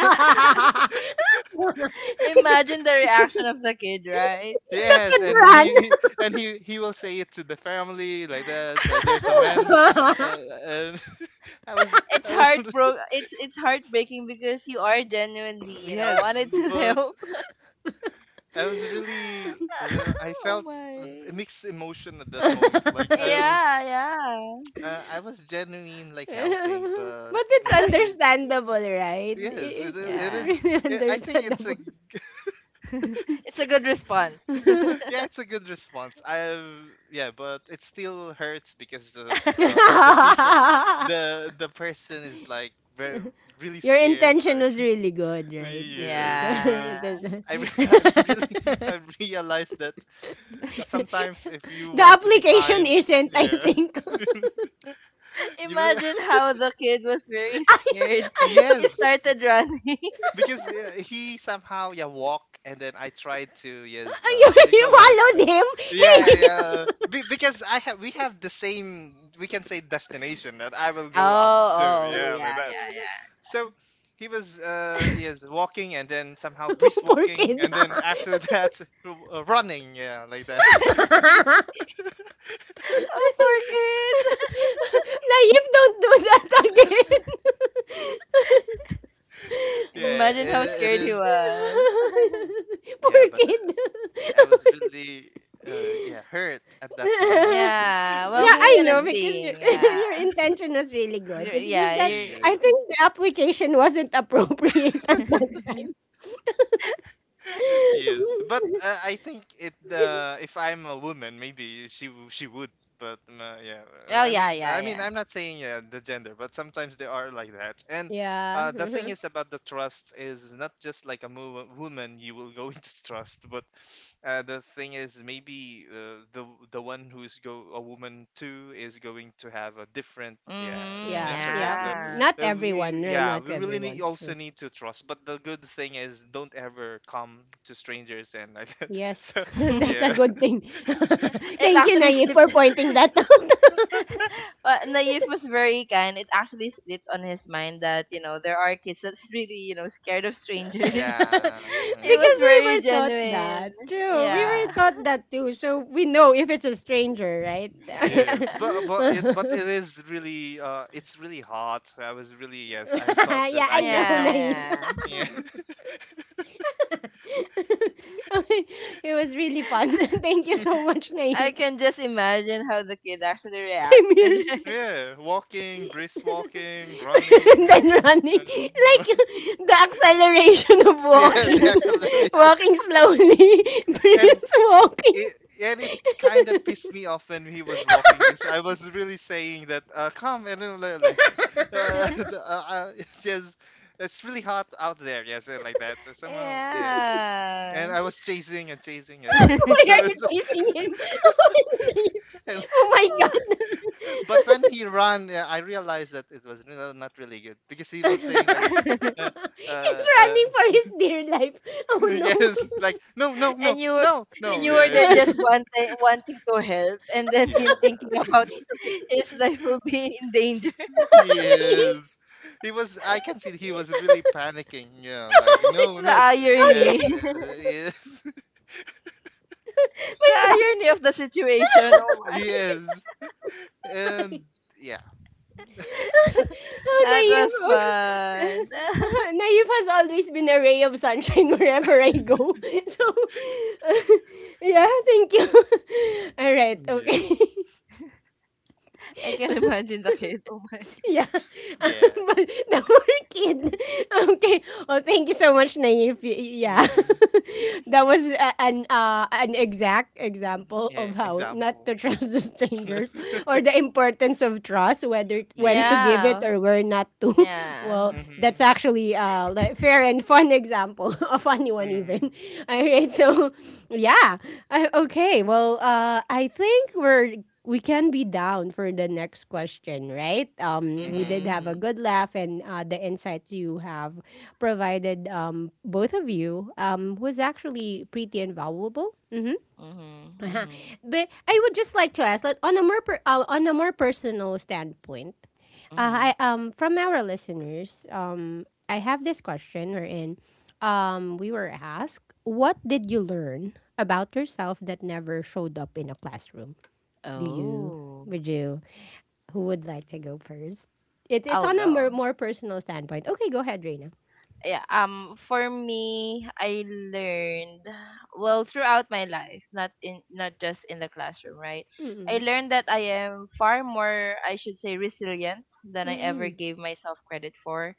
B: Imagine the reaction of the kid, right?
C: yes. And
A: run.
C: and he will say it to the family like that. So there's a man, uh, and I was, I was
B: It's heartbreaking because you are genuinely, you know,
C: yes,
B: wanted to
C: but
B: help.
C: I was really, I
B: Oh
C: felt
B: my.
C: a mixed emotion at that moment, like I was,
B: Yeah, yeah.
C: I was genuine, like, helping, but
A: But it's
C: maybe.
A: understandable, right?
C: Yes, it is.
A: It's
C: It
B: yeah.
C: is.
A: really
C: It, I think it's a
A: understandable.
B: It's a good response.
C: yeah, it's a good response. I Yeah, but it still hurts because the s- uh, p- the people, the person is, like, very really
A: Your
C: scared.
A: intention
C: Like,
A: was really good, right? It,
C: yes, but
A: it
B: Yeah.
A: doesn't.
C: I've really, I've realized that sometimes, if you
A: The
C: want to be
A: application
C: kind,
A: isn't, I
C: yeah,
A: think.
C: you really.
B: Imagine how the kid was very scared. He
A: you,
C: Yes,
B: started running.
C: because he somehow, yeah, walk, and then I tried to, yes, what do you
A: you
C: call that?
A: followed him. Hey,
C: Yeah, yeah. Because I have we have the same, we can say, destination, that I will go up
B: Oh.
C: to,
B: Oh
C: yeah, like
B: yeah, yeah,
C: that.
B: yeah.
C: So he was, yes, walking, and then somehow brisk
A: poor
C: walking,
A: kid.
C: and then after that running, yeah, like that.
B: Oh, poor kid.
A: Naif, don't do that again.
C: Yeah,
B: Imagine how
C: it
B: scared he
C: is.
B: was.
A: Poor
C: Yeah, but
A: kid.
C: I was really, yeah, hurt at that moment.
A: Yeah,
B: Yeah. Well, who
A: I know,
B: wouldn't
A: because your,
B: be? Yeah.
A: your intention was really good.
B: You're,
A: It's just
B: yeah,
A: that
B: you're.
A: I think
C: Yes.
A: the application wasn't appropriate at that time.
C: Yes, but I think it. If I'm a woman, maybe she would. But yeah,
B: oh
C: I
B: yeah,
C: mean,
B: yeah,
C: I mean,
B: yeah.
C: I'm not saying, yeah, the gender, but sometimes they are like that. And
A: Yeah.
C: the thing
A: Mhm.
C: is about the trust, is not just like a woman you will go into trust. But the thing is, maybe, the one who's go a woman too, is going to have a different, yeah,
B: Mm-hmm,
A: Yeah,
C: initiative.
A: yeah.
C: So,
B: yeah.
A: Not
C: we,
A: everyone, right?
C: yeah,
A: Not
C: we really need,
A: everyone.
C: also
A: True.
C: need to trust. But the good thing is, don't ever come to strangers and like that.
A: Yes,
C: So,
A: that's a
C: yeah,
A: good thing.
B: it
A: Thank you,
B: actually
A: Naif, for
B: slipped.
A: pointing that out.
B: Naif was very kind. It actually slipped on his mind that, you know, there are kids that's really, you know, scared of
A: Because
B: strangers.
C: yeah,
B: It was
C: yes.
A: we
B: very
A: were taught
B: genuine.
A: that. True, we were
B: Yeah.
C: Mm,
A: taught that too. So we know if it's a stranger, right?
B: yeah.
C: yes. But, but it,
A: Yeah,
C: but it is really, it's really hot. So I was really, yes, I thought that
B: Yeah.
C: I
A: I know,
C: can help.
A: Naif.
B: Yeah.
C: Yeah,
A: Okay, it was really fun. Thank you so much,
B: I
A: Naif.
B: can just imagine how the kid actually
A: Same
B: reacted.
A: here.
B: right?
C: yeah, walking, brisk walking,
A: And
C: running.
A: then running
C: uh,
A: like the acceleration of
C: yeah, the
A: walking,
C: acceleration.
A: walking slowly,
C: and
A: Prince walking,
C: it, and it kind of pissed me off when he was walking, because I was really saying that, come, and then let's. uh, the, uh, it's just, it's really hot out there, yes, and like that, so, somehow, yeah. And I was chasing and chasing and like
B: yeah.
C: that.
A: why are
C: So it,
A: you chasing him?
C: and,
A: Oh my god.
C: but when he ran, yeah, I realized that it was really not really good, because he
A: He's
C: was
A: running
C: saying
A: for
C: like, uh, uh, uh
A: his dear life. Oh no.
C: yes, like, no, no, no,
B: and you were
C: no,
B: and
C: no.
B: you
C: Yeah,
B: were there,
C: it's
B: just one thing, wanting to help, and then
C: yeah.
B: him thinking about his life will be in danger.
A: Naive.
C: Yes. He was, I can see he was really panicking, yeah, like, no,
B: The
C: no.
A: How
C: Yes,
A: dare,
B: irony,
C: yes, yes.
B: the
A: my god.
B: irony of the situation. Oh my,
C: Yes. And yeah.
B: that was
A: Oh, Naive.
B: fun.
A: Naive has always been a ray of sunshine wherever I go. So, yeah, thank you. All right,
C: Yeah.
A: okay.
B: I can imagine the kid. Oh my.
A: Yeah.
C: Yeah.
A: But the poor kid. Okay. Oh, thank you so much, Naive. Yeah,
C: Mm-hmm.
A: that was a, an exact
C: Mm-hmm,
A: example
C: yeah,
A: of how not
C: example.
A: to trust the strangers, or the importance of trust, whether when to
C: Yes.
A: give it
B: Yeah.
A: or where not to.
B: Yeah.
A: Well, that's
C: Mm-hmm.
A: actually like fair and fun example, a funny one
C: Mm-hmm.
A: even. All right. So yeah. Okay. Well, I think we can be down for the next question, right? We
C: Mm-hmm.
A: did have a
B: Mhm.
A: good laugh, and the insights you have provided, both of you, was actually pretty invaluable. Mm-hmm.
B: Mhm.
A: Uh-huh.
B: Mhm.
A: But I would just like to ask, like, on a on a more personal standpoint,
B: Mhm. Mhm.
A: I from our listeners, I have this question wherein, we were asked, what did you learn about yourself that never showed up in a classroom? Do you?
B: Oh,
A: Would you? Who would like to go first? It, it's
B: I'll
A: on a
B: go.
A: more personal standpoint. Okay, go ahead, Reina.
B: Yeah, for me I learned, well, throughout my life, not just in the classroom, right? I
A: Mm-mm.
B: learned that I am far more, I should say, resilient than I ever
A: Mm-mm.
B: gave myself credit for.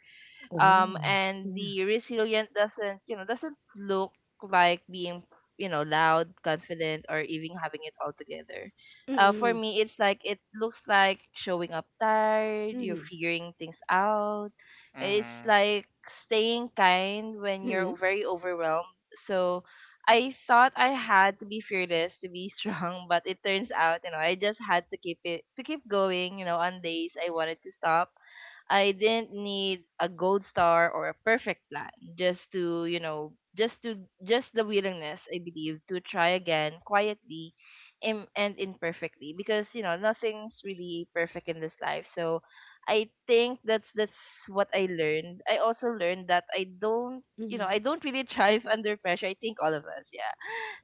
A: Oh,
B: And
A: yeah.
B: the resilient doesn't, you know, doesn't look like being, you know, loud, confident, or even having it all together. For
A: Mm-mm.
B: me, it's like, it looks like showing up tired, you're
A: Mm-hmm.
B: figuring things out, it's
C: Mm-hmm.
B: like staying kind when
A: Mm-mm.
B: you're very overwhelmed. So I thought I had to be fearless to be strong, but it turns out, you know, I just had to keep going, you know, on days I wanted to stop. I didn't need a gold star or a perfect plan, just to, you know, just the willingness, I believe, to try again, quietly and imperfectly, because, you know, nothing's really perfect in this life. So, I think that's what I learned. I also learned that I don't, you know,
A: Mm-hmm.
B: I don't really thrive under pressure. I think all of us, yeah,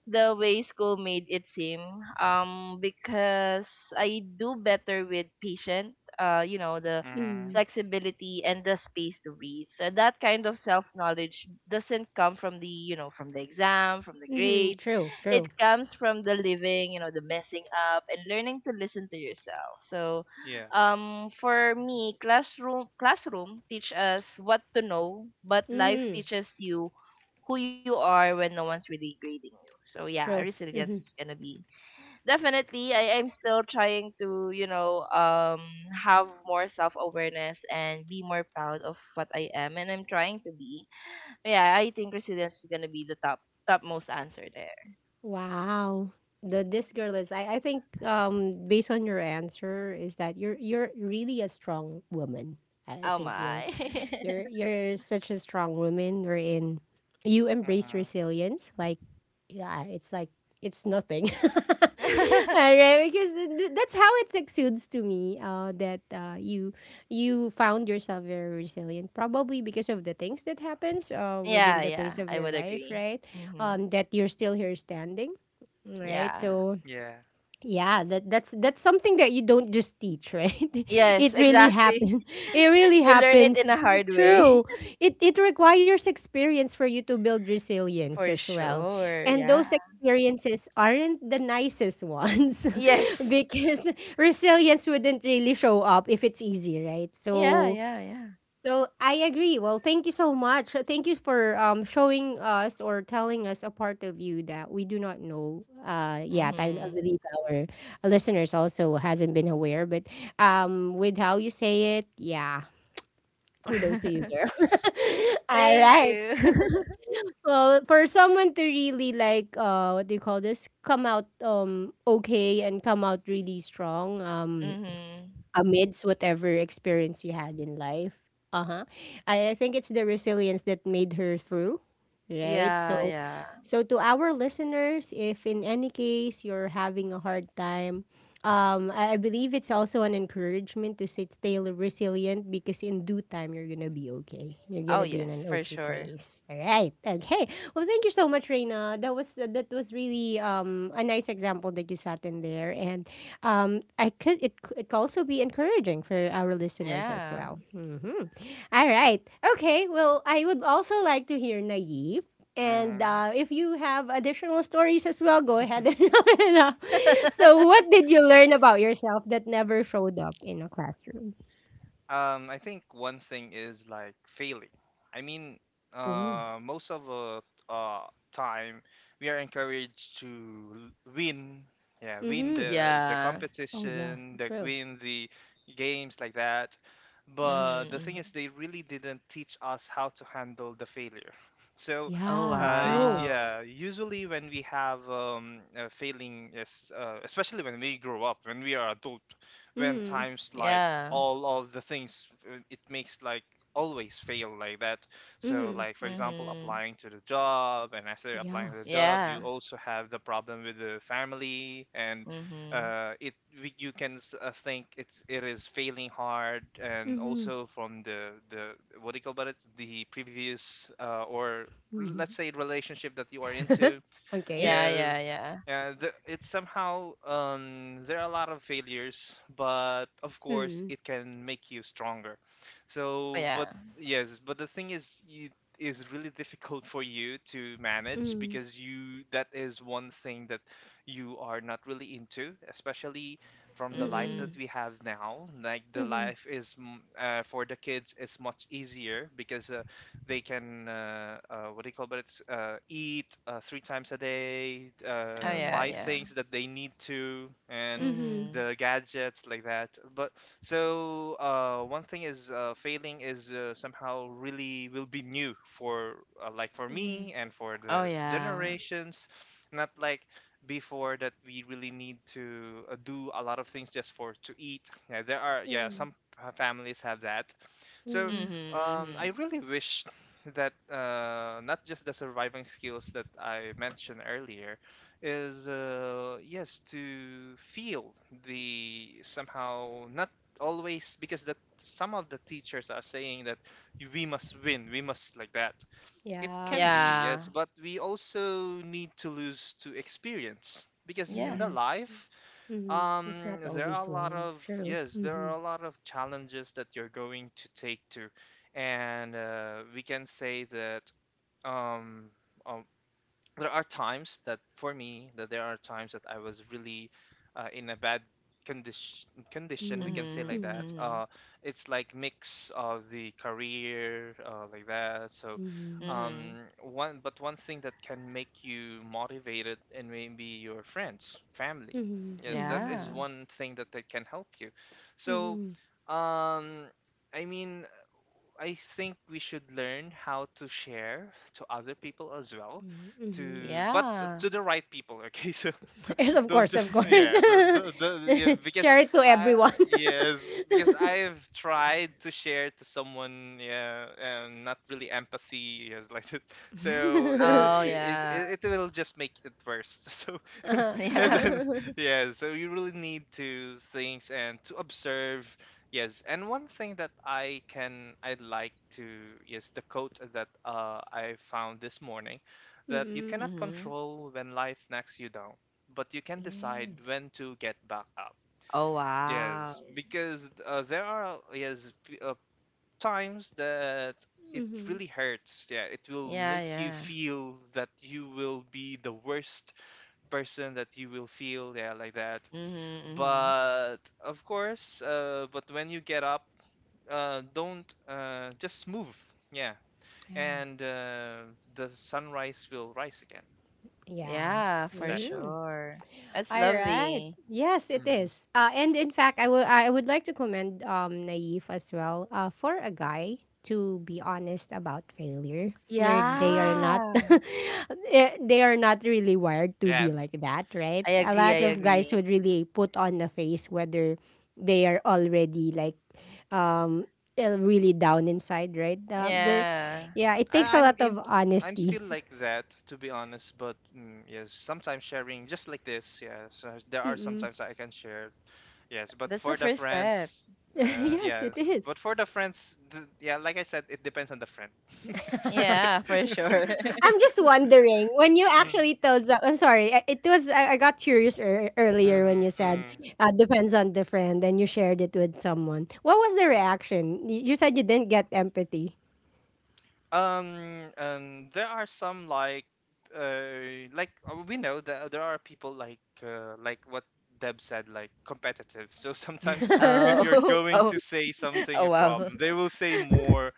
B: the way school made it seem. Because I do better with patient, you know, the
C: Mm-hmm.
A: Mm-hmm.
B: flexibility and the space to breathe. So that kind of self knowledge doesn't come from the, you know, from the exam, from the
A: Mm-hmm.
B: grades.
A: True,
B: It
A: true.
B: comes from the living, you know, the messing up, and learning to listen to yourself. So
C: Yeah.
B: for me, classroom teach us what to know, but life
A: Mm-hmm.
B: teaches you who you are when no one's really grading you. So yeah,
A: True.
B: resilience
A: Mm-hmm.
B: is gonna be, definitely. I am still trying to, you know, have more self awareness and be more proud of what I am, and I'm trying to be. Yeah, I think resilience is gonna be the top topmost answer there.
A: Wow. The this girl is I think based on your answer is that you're really a strong woman. I
B: Oh
A: think
B: my.
A: you're such a strong woman, We're in. You embrace
C: Mm-hmm.
A: resilience. Like, yeah, it's like it's nothing. All right, because that's how it exudes to me. That You you found yourself very resilient, probably because of the things that happens within
B: yeah,
A: the pace
B: yeah,
A: of
B: I
A: your
B: would
A: life,
B: agree.
A: right?
B: Hmm.
A: That you're still here standing, right?
B: Yeah.
A: So
C: Yeah.
A: yeah, that that's something that you don't just teach, right?
B: Yes,
A: It really
B: exactly.
A: happens. It really
B: you learn it in
A: happens.
B: a hard way.
A: True. It requires experience for you to build resilience
B: For
A: as well.
B: sure.
A: And
B: Yeah.
A: those experiences aren't the nicest ones,
B: Yes.
A: because resilience wouldn't really show up if it's easy, right?
B: Yeah,
A: So
B: yeah, yeah.
A: so I agree. Well, thank you so much. Thank you for showing us or telling us a part of you that we do not know. Yet I
B: Mhm.
A: believe our listeners also hasn't been aware, but with how you say it, yeah, kudos to you, girl. All
B: Thank
A: right.
B: you.
A: Well, for someone to really like what do you call this? Come out okay and come out really strong.
B: Mhm.
A: Amidst whatever experience you had in life. Uh huh. I think it's the resilience that made her through, right?
B: Yeah,
A: So,
B: yeah.
A: so to our listeners, if in any case you're having a hard time, I believe it's also an encouragement to sit, stay resilient, because in due time you're gonna be okay. You're
B: Oh
A: gonna be in
B: yes,
A: an
B: for
A: okay
B: sure.
A: place. All right. Okay. Well, thank you so much, Reina. That was really a nice example that you sat in there and I could it could also be encouraging for our listeners as
B: Yeah.
A: well. Mhm. All right. Okay. Well, I would also like to hear Naive. And
C: Mm-hmm.
A: if you have additional stories as well, go ahead and round it up. So, what did you learn about yourself that never showed up in a classroom?
C: I think one thing is like failing. I mean,
A: Oh.
C: most of the uh, time we are encouraged to win, yeah, win
A: Mm-hmm.
C: the
B: yeah.
A: Oh, yeah.
C: competition, like,
A: True.
C: win the games, like that. But the thing
B: Mhm.
C: is, they really didn't teach us how to handle the failure. So,
B: Oh
A: Yeah, true.
B: wow.
C: yeah, usually when we have a failing, yes, especially when we grow up, when we are adult, when
A: Mm.
C: times like
B: Yeah.
C: all of the things, it makes like always fail like that. So,
A: Mm-hmm.
C: like, for example,
B: Mhm.
C: applying to the job, and after
A: Yeah.
C: applying to the job, you
B: Yeah.
C: also have the problem with the family, and
B: Mhm.
C: it, you can, think, it's, it is failing hard. And
A: Mm-hmm.
C: also, from the what do you call about it, the previous, or
A: Mm-hmm.
C: let's say, relationship that you are into,
A: Okay.
B: Yeah,
C: yes.
B: yeah, yeah.
C: Yeah, it's somehow, there are a lot of failures, but of course
A: Mm.
C: it can make you stronger.
B: Oh
C: So,
B: yeah.
C: but yes, but the thing is, it is really difficult for you to manage,
A: Mm.
C: because you, that is one thing that you are not really into. Especially from the life
A: Mm-mm.
C: that
B: Mhm.
C: we have now. Like, the
A: Mm-mm.
C: life is for the kids, is much easier, because they can what do you call it? But it's, eat, three times a day,
B: Oh yeah,
A: Mm.
C: buy
B: yeah.
C: things that they need to, and
A: Mhm.
B: Mhm.
C: the gadgets, like that. But, so, one thing is, failing is, somehow, really, will be new for, like, for me
A: Yes.
C: and for
B: Oh
C: the
B: yeah.
C: generations. Not like before, that we really need to, do a lot of things just for to eat. Yeah, there are, yeah,
A: Mm.
C: some families have that. So,
A: Mm.
B: Mhm.
C: I
B: Mhm.
C: really wish that, not just the surviving skills that I mentioned earlier, is, yes, to feel the somehow, not always, because that, some of the teachers are saying that we must win, we must, like that. It
A: Yeah.
C: can be, yes,
B: Yeah.
C: but we also need to lose to experience, because in
B: Yeah.
C: the
A: Yes.
C: life,
A: Mm. It's not
C: there are
A: always
C: a lot
A: win.
C: of,
A: True.
C: yes, there are
A: Mhm.
C: a lot of challenges that you're going to take to. And we can say that, um, uh, there are times that, for me, that there are times that I was really, in a bad condition, we
A: Mm.
C: can say, like
B: Mhm.
A: Mm.
C: that.
B: Mhm.
C: It's like mix of the career, like that. So,
A: Mhm.
B: Mhm.
C: um, one thing that can make you motivated, and maybe your friends, family,
A: Mhm.
C: yes, that
A: Mhm.
C: is
B: Yeah.
C: one thing that, that can help you. So,
A: Mhm.
C: um, I mean, I think we should learn how to share to other people as well,
A: Mhm. Mhm.
C: to, but,
B: Yeah.
C: to the right people, okay. So, don't
A: Yes, of
C: don't
A: course, of
C: just
A: course.
C: yeah, yeah, because
A: Share it to
C: I
A: everyone.
C: yes, because I've tried to share to someone, yeah, not really empathy, yes, like that. So
B: Oh,
C: it,
B: yeah.
C: it, it will just make it worse. So and
B: Yeah.
C: then,
A: Uh-huh.
C: yeah, so you really need to things, and to observe. Yes, and one thing that I like to, yes, the quote that, I found this morning, that you
A: Mm-mm.
C: cannot
B: Mm-hmm.
C: control when life knocks you down, but you can decide
A: Yes.
C: when to get back up.
B: Oh, wow.
C: Yes, because, there are, yes, times, that it
A: Mhm.
C: really hurts. Yeah, it will
B: Yeah,
C: make you
B: yeah.
C: feel that you will be the worst person that you will feel, yeah, like that.
B: Mm-hmm, mm-hmm.
C: But of course, but when you get up, don't, just move, yeah.
A: Yeah.
C: And the sunrise will rise again.
A: Yeah.
B: Yeah, for
C: That's all.
A: Mhm.
B: sure. That's
A: All right.
B: lovely.
A: Yes, it is. And in fact, I would like to commend Naif as well. For a guy to be honest about failure, where they are
B: Yeah.
C: Hmm.
A: not, eh, they are not really wired to
C: Yeah.
A: be like that, right?
B: I
A: A
B: agree,
A: lot
B: I
C: Yeah,
A: of guys
B: agree.
A: would really put on the face whether they are already like, um, eh, really down inside, right? But
B: Yeah.
A: yeah, it takes
C: I,
A: a
C: I'm
A: lot of
C: in I'm
A: honesty.
C: still like that, to be honest. But, mm, yes, sometimes sharing just like this, yes, there are
A: Mm-mm.
C: sometimes I can share, yes, but
B: That's the
C: for the
B: first step.
C: friends,
A: Yes, it
C: yes,
A: is.
C: but for the friends, yeah, like I said, it depends on the friend. Okay.
B: Yeah, for sure.
A: I'm just wondering when you actually told. I'm sorry. I got curious earlier when you said
C: Mm-hmm.
A: depends on the friend, and you shared it with someone. What was the reaction? You said you didn't get empathy.
C: There are some, like, like, we know that, there are people like what Deb said, like, competitive. So sometimes, if you're
B: Oh,
C: going
B: oh,
C: to say something,
B: oh,
C: a
B: wow.
C: problem, they will say more,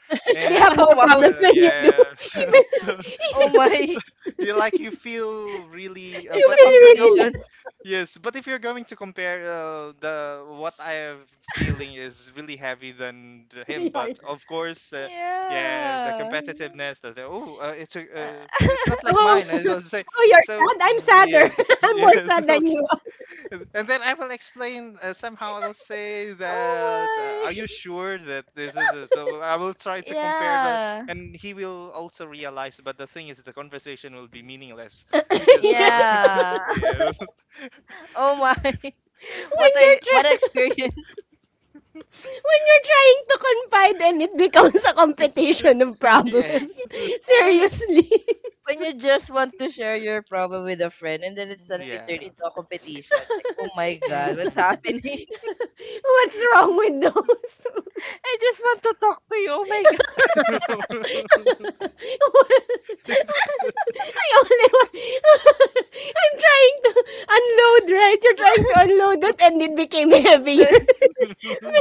A: They
C: and,
A: have
B: Oh,
A: more
B: wow.
A: problems
C: well,
A: than you do.
C: yeah,
A: Even
C: so, so,
B: Oh, my.
C: you like, you feel really.
B: It's
A: you
B: a
C: But if
A: feel
C: you're
A: really
C: going.
B: competition.
A: less.
C: Yes, but if you're going to compare, the what I am feeling is really heavy than the him.
A: My
C: But
A: heart.
C: of course, yeah, the
B: Yeah.
C: competitiveness that, oh, it's a, it's not like
A: Oh,
C: mine, I will say.
A: oh, you're
C: So.
A: sad. I'm
C: Mm,
A: sadder.
C: yes,
A: I'm more
C: yes,
A: sad than
C: okay.
A: you are.
C: And then I will explain, somehow, I will say that,
B: Oh,
C: are you
B: my.
C: sure that this is a, so? I will try to compare, but,
B: Yeah.
C: and he will also realize. But the thing is, the conversation will be meaningless, because,
A: Yes.
B: Yeah.
C: yeah.
B: Oh my.
A: When
B: What,
A: you're
B: I what an
A: trying.
B: experience.
A: When you're trying to confide and it becomes a competition of
C: Yeah.
B: Yeah.
A: problems.
B: When you
A: Seriously.
B: when you just want to share your problem with a friend and then it
C: Mm,
B: suddenly
C: yeah.
B: turned into a competition. Like, oh my god, what's
C: Hmm.
B: happening?
A: What's wrong with those?
B: I just want to talk to you. Oh my god.
A: I only want... I'm trying to unload, right? You're trying to unload it and it became heavier,
B: The-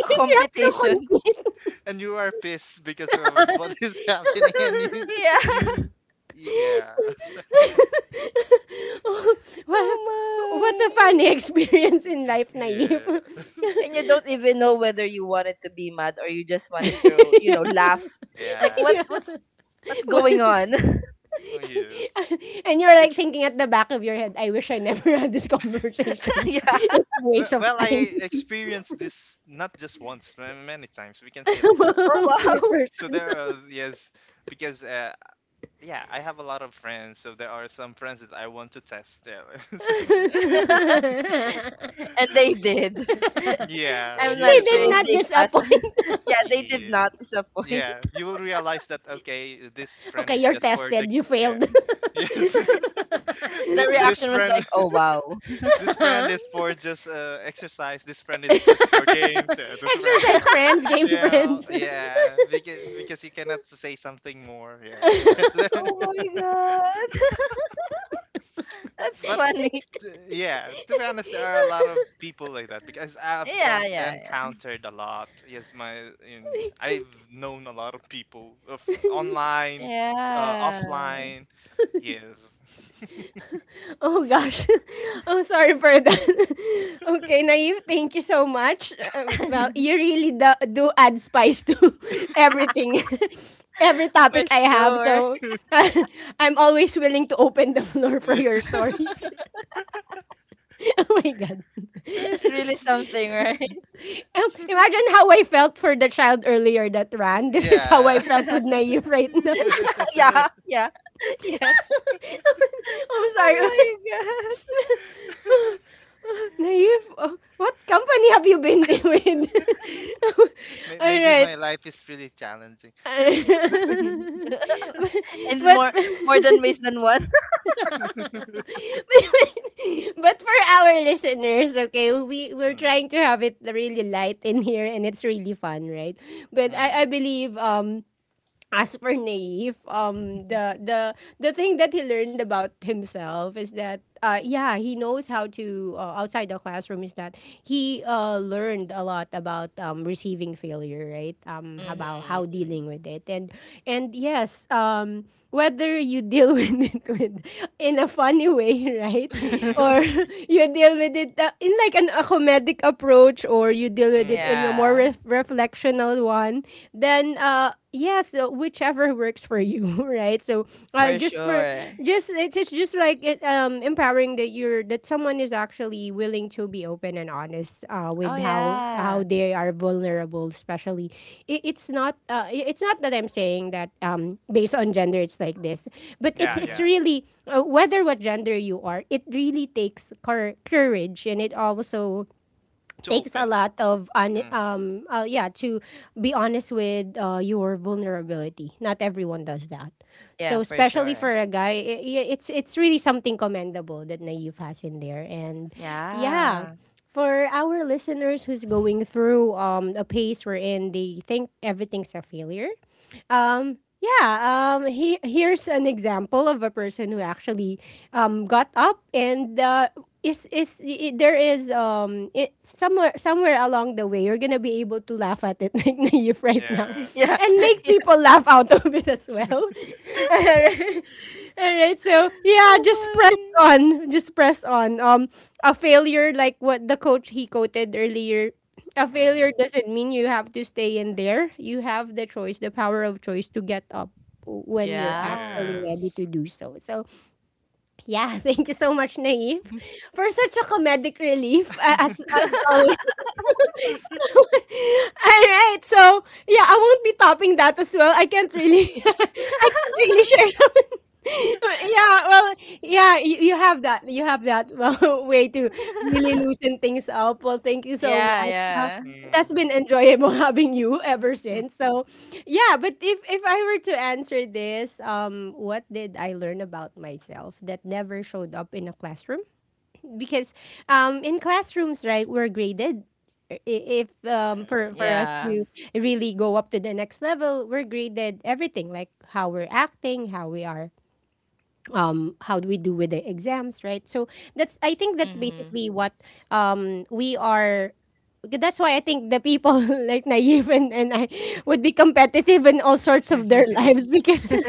B: a
A: you have
B: competition.
A: to
C: And you are pissed because of what
A: compete.
C: is happening, and you
B: Yeah.
C: you yeah.
A: Oh, wha what a
B: Oh
A: funny
B: my.
A: experience in life, Naive.
C: Yeah,
B: And you don't even know whether you wanted to be mad or you just wanted to, you
A: Yeah.
B: know, laugh. Like
C: yeah,
A: Yeah.
B: what's going
A: But-
B: on?
C: oh, yes.
A: and you're
C: It,
A: like thinking at the back of your head, I wish I never had this conversation.
B: yeah.
A: It's a
C: well,
A: waste of
C: well,
A: time.
C: I experienced this not just once, many times. We can say, like that.
B: Oh
A: Poor
B: wow.
C: So
A: person.
C: there are, yes, because, yeah, I have a lot of friends. So there are some friends that I want to test, yeah. So,
B: and they did.
C: yeah,
B: I'm not
C: you
A: They
C: it
B: sure
A: did
B: if
C: will.
A: not
B: they passed.
A: disappoint.
B: yeah, they did
C: Yes.
B: not disappoint.
C: Yeah, you will realize that, okay, this friend
A: Okay,
C: is
A: you're
C: just for the,
A: tested. You
C: yeah.
A: failed.
C: Yes.
B: The
C: This
B: reaction was
C: friend,
B: like, "Oh wow."
C: this friend is for just, exercise. This friend is just for games. Yeah, this friend
A: Exercise
C: is,
A: friends, game
C: yeah,
A: friends.
C: yeah, because you cannot say something more, yeah, like that.
B: oh my god. That's
C: But,
B: funny.
C: yeah, to be honest, there are a lot of people like that, because
B: Yeah, yeah,
C: encountered a lot, yes, my in, yeah, I've known a lot of people, of online,
B: yeah.
C: offline, yes.
A: Oh gosh. I'm sorry for that. Okay, Naive, thank you so much. Well,
B: Yeah.
A: you really do, do add spice to everything. Every
B: For
A: topic I have,
B: sure.
A: so I'm always willing to open the floor for
C: Yeah,
A: your stories. Oh my god.
B: There's
C: okay,
B: really something, right?
A: Imagine how I felt for the child earlier that ran. This is how I
C: yeah.
A: felt with Naive right now.
B: yeah, yeah. Yes.
A: I'm sorry.
B: Oh my
A: Naive, what company have you been with?
C: May-
A: All
C: maybe
A: right.
C: my life is really challenging.
B: god. and
A: but,
B: more, more
A: but
B: than ways than one.
A: But for our listeners, okay, we're
C: Mm.
A: trying to have it really light in here and it's really fun, right? But
C: Hmm.
A: I believe as for Naive, the the thing that he learned about himself is that, yeah, he knows how to outside the classroom is that he learned a lot about receiving failure, right? About how
B: Mhm.
A: dealing with it, and yes, whether you deal with it with in a funny way, right,
B: Mhm.
A: or
C: Hmm.
A: you deal with it in like an a comedic approach, or you deal with it in a
C: Hmm.
A: more
B: Yeah,
A: reflectional one, then yes, whichever works for you, right? So, uh,
B: for
A: just for
B: sure.
A: just it's just like it empowering that you're that someone is actually willing to be open and honest,
B: Oh
A: with how
B: yeah.
A: how they are vulnerable, especially it's not, it's not that I'm saying that, based on gender, it's like this. But it
C: Yeah.
A: it's
C: Yeah,
B: Mhm.
A: really, whether what gender you are, it really takes courage, and it also
C: to
A: takes a
C: open.
A: lot of on
C: Mm.
A: yeah, to be honest with, your vulnerability. Not everyone does that.
B: Yeah,
A: So
B: for
A: especially
B: sure.
A: for a guy, it's really something commendable that Naive has in there. And yeah,
B: Yeah.
A: for our listeners who's going through, a pace wherein they think everything's a failure. um, yeah, Here's an example of a person who actually, got up and, is I there is, somewhere along the way you're gonna be able to laugh at it like Naive right now,
C: Yeah.
B: Yeah.
A: and make
B: Yeah.
A: people laugh out of it as well. All right, all right. So yeah,
B: Oh
A: just press
B: my.
A: on, just press on. A failure, like what the coach he quoted earlier, a failure
C: Hmm.
A: doesn't mean you have to stay in there. You have the choice, the power of choice to get up when you're actually
B: Yeah.
A: ready
C: Yes.
A: to do so. So, yeah, thank you so much, Naive, for such a comedic relief, as always. All right. So, yeah, I won't be topping that as well. I can't really I can't really share that. Yeah, well, yeah, you have that. You have that well, way to really loosen things up. Well, thank you so
B: yeah,
A: much.
B: yeah.
A: It has
C: Mm.
A: been enjoyable having you ever since. So, yeah, but if I were to answer this, what did I learn about myself that never showed up in a classroom? Because, in classrooms, right, we're graded. I- if
C: Yeah.
A: For us
B: Yeah.
A: to really go up to the next level, we're graded everything, like how we're acting, how we are, how do we do with the exams, right? So that's, I think, that's
B: Mhm.
A: basically what, we are. That's why I think the people like Naive, and I would be competitive in all sorts of their lives because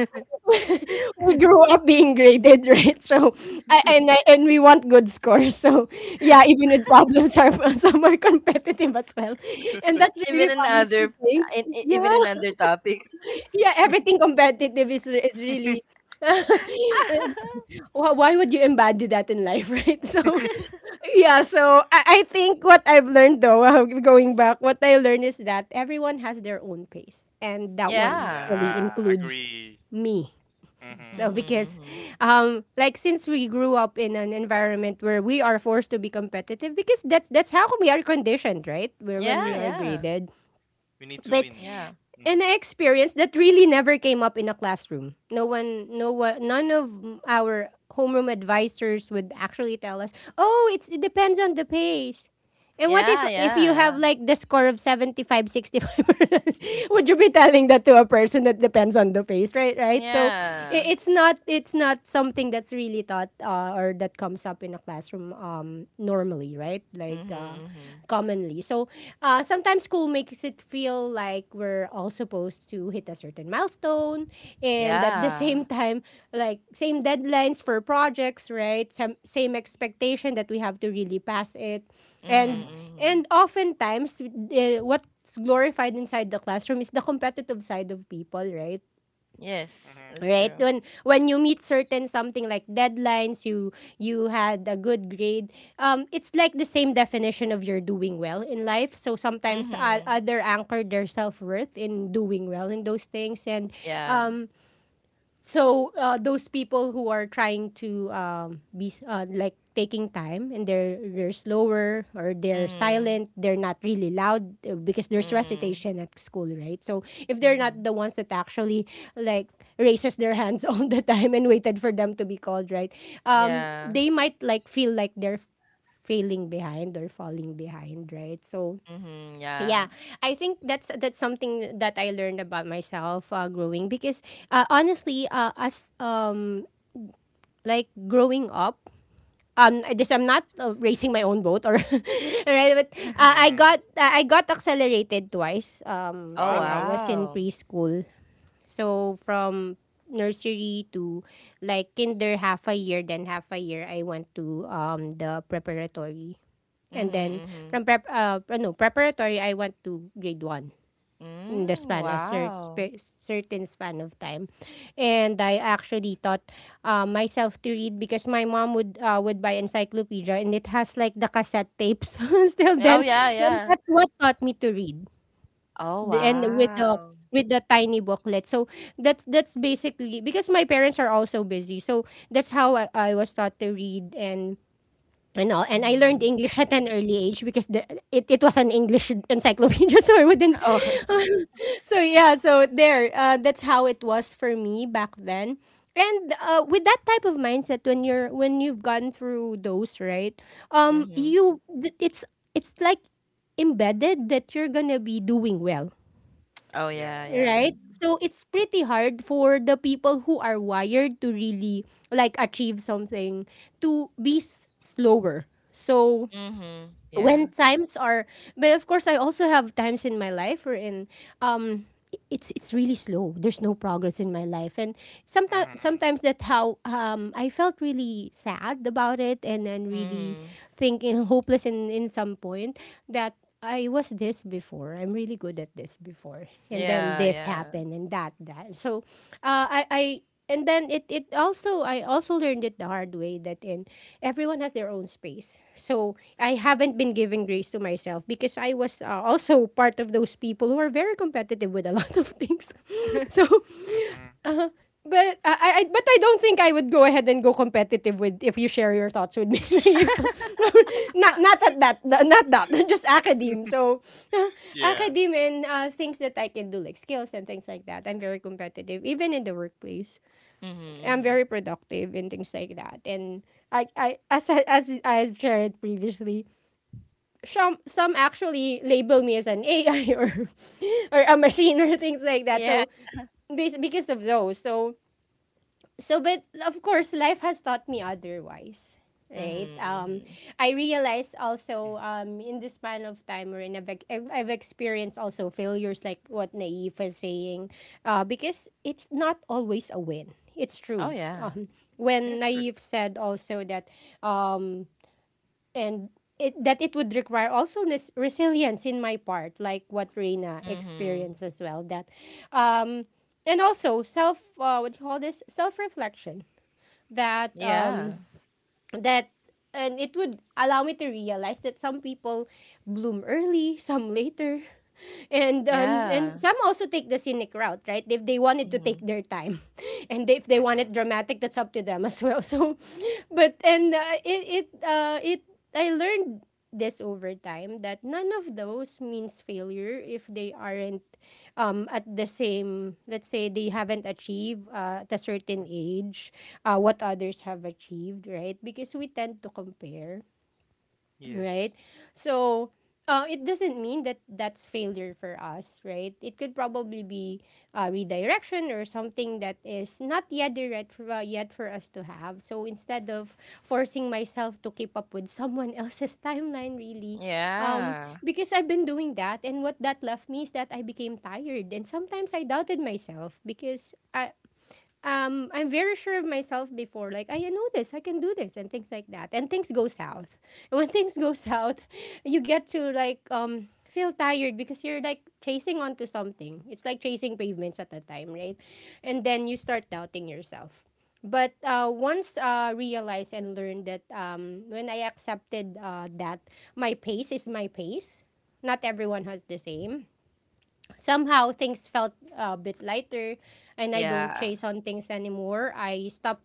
A: we grew up being graded right. So, and we want good scores. So yeah, even with problems are some are competitive as well. And that's
B: Even
A: really
B: in
A: funny to
B: other,
A: think.
B: in
A: Yeah,
B: even in other topics.
A: yeah, everything competitive is really why would you embody that in life, right? So, yeah, so I think what I've learned, though, going back, what I learned is that everyone has their own pace. And that one
B: yeah,
A: actually
B: yeah.
C: Yeah,
A: includes
C: agree.
A: me.
C: Hmm.
A: So,
B: Mhm,
A: because,
B: mhm.
A: like, since we grew up in an environment where we are forced to be competitive, because that's how we are conditioned, right? Where
B: Yeah,
A: when we are
C: Yes,
B: yeah.
A: graded,
C: we need to
A: but
C: win.
B: Yeah.
A: and I experienced that really never came up in a classroom. No one, no one, none of our homeroom advisors would actually tell us, "Oh, it depends on the pace. And what
B: Yeah,
A: if
B: yeah,
A: you have
B: yeah.
A: like the score of 75-65, would you be telling that to a person that depends on the face? Right. So
B: Yeah.
A: it's not something that's really taught, or that comes up in a classroom, normally, right, like,
B: Mhm, mhm.
A: commonly. So, sometimes school makes it feel like we're all supposed to hit a certain milestone, and at the same
B: Yeah.
A: time, like same deadlines for projects, right? Same expectation that we have to really pass it. And
B: Mhm,
C: Mm-hmm.
B: mhm.
A: and oftentimes, what's glorified inside the classroom is the competitive side of people, right?
B: Yes,
C: Hmm.
B: that's
A: Right?
B: true.
A: When you meet certain something like deadlines, you had a good grade. It's like the same definition of you're doing well in life. So sometimes,
B: Mhm.
A: other anchor their self-worth in doing well in those things. And
B: Yeah.
A: um So, those people who are trying to, be, like taking time, and they're slower, or they're
B: Mhm.
A: silent, they're not really loud, because there's
B: Mhm.
A: recitation at school, right? So if they're not
B: Mhm.
A: the ones that actually like raises their hands all the time and waited for them to be called, right?
B: Yeah.
A: They might like feel like they're failing behind or falling behind, right? So
B: Mhm.
A: yeah,
B: Yeah.
A: I think that's something that I learned about myself, growing, because, honestly, as, like growing up, I just I'm not, racing my own boat, or right, but,
C: Hmm.
A: I got accelerated twice,
B: Oh
A: when I
C: Wow.
A: was in
B: wow.
A: preschool. So from nursery to like kinder half a year, then half a year I went to, the preparatory. And then
B: Mhm. Mhm.
A: from prep no preparatory, I went to grade 1 in the
B: Mm,
A: span, a cer-
B: wow.
A: spe- certain span of time. And I actually taught, myself to read, because my mom would, would buy encyclopedia, and it has like the cassette tapes still
B: Oh
A: then.
B: yeah,
A: And
B: yeah.
A: that's what taught me to read.
B: Oh
A: And with the,
B: wow.
A: with the tiny booklet. So that's basically because my parents are also busy. So that's how I was taught to read, and all. And I learned
B: Mhm.
A: English at an early age because it was an English encyclopedia, so I wouldn't.
B: Oh.
A: So yeah, so there, that's how it was for me back then. And, with that type of mindset, when you've gone through those, right?
B: Mhm.
A: You th- it's like embedded that you're gonna be doing well,
B: Oh
C: Yeah.
B: yeah, yeah.
A: right? So it's pretty hard for the people who are wired to really like achieve something to be slower. So
B: Mhm. Yeah.
A: when times are, but of course I also have times in my life where in um it's really slow, there's no progress in my life. And
C: Hmm.
A: sometimes that how, I felt really sad about it, and then really
B: Mhm.
A: think, in hopeless in some point. That I was this before, I'm really good at this before, and then
B: Yeah,
A: this
B: yeah.
A: happened, and that. So, I and then, it also I also learned it the hard way that, in, everyone has their own space. So I haven't been giving grace to myself because I was, also part of those people who are very competitive with a lot of things. So,
C: Hmm.
A: uh, but, but I don't think I would go ahead and go competitive with if you share your thoughts with me. If- Not, not at that not that, just academe. So
C: Yeah.
A: academe and, things that I can do like skills and things like that. I'm very competitive even in the workplace.
B: Mhm.
A: I'm
B: Mhm.
A: very productive and things like that. And, I as I, as I shared previously, some actually label me as an AI, or or a machine or things like that.
B: Yeah.
A: So because of those, so but of course life has taught me otherwise, right,
B: Mhm. Mhm.
A: I realized
C: Mm.
A: also, in the span of time, or in, I've experienced also failures like what Naif is saying, because it's not always a win, it's
B: Oh
A: true.
B: yeah.
A: um when
C: Yes, true.
A: Naif said also that, um and that it would require also, resilience in my part, like what Reina
B: Mhm.
A: experienced as well, that, um and also self, what do you call this, self reflection that,
B: Yeah.
A: that and it would allow me to realize that some people bloom early, some later. And, and
B: Yeah.
A: some also take the scenic route, right? If they wanted to take
B: Mhm.
A: their time, and if they want it
C: Hmm.
A: dramatic, that's up to them as well. So, but and it it it I learned this over time that none of those means failure if they aren't, at the same, let's say they haven't achieved, at a certain age, what others have achieved, right? Because we tend to compare, right?
C: Yes.
A: So, it doesn't mean that that's failure for us, right? It could probably be, redirection or something that is not yet direct for, yet for us to have. So instead of forcing myself to keep up with someone else's timeline, really, um,
B: Yeah.
A: because I've been doing that, and what that left me is that I became tired, and sometimes I doubted myself because, I'm very sure of myself before. Like, I know this, I can do this, and things like that. And things go south. And when things go south, you get to, like, feel tired because you're like chasing onto something. It's like chasing pavements at the time, right? And then you start doubting yourself. But, once, realized and learned that, when I accepted, that my pace is my pace, not everyone has the same. Somehow things felt a bit lighter, and I don't
B: Yeah.
A: chase on things anymore.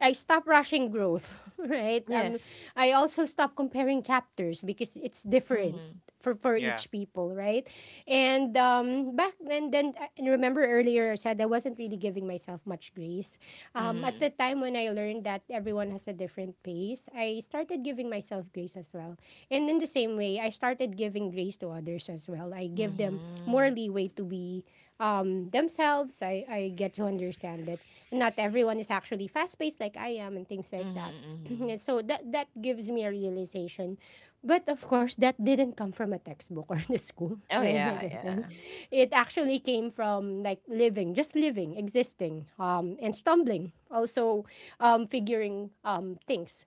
A: I stop rushing growth, right?
B: Yes.
A: I also stop comparing chapters because it's different
B: Mhm.
A: for
C: Yeah.
A: each people, right? And, back then, and remember earlier I said I wasn't really giving myself much grace. At
B: Mhm.
A: the time when I learned that everyone has a different pace, I started giving myself grace as well. And in the same way I started giving grace to others as well. I give them more
B: Mhm.
A: leeway to be, themselves. I get to understand that not everyone is actually fast paced like I am, and things like
B: Mhm.
A: that.
B: Mhm.
A: And so that gives me a realization. But of course, that didn't come from a textbook or the school,
B: Oh
A: right? Like
B: yeah,
A: I said,
B: yeah.
A: it actually came from like living, just living, existing, and stumbling. Also, figuring, things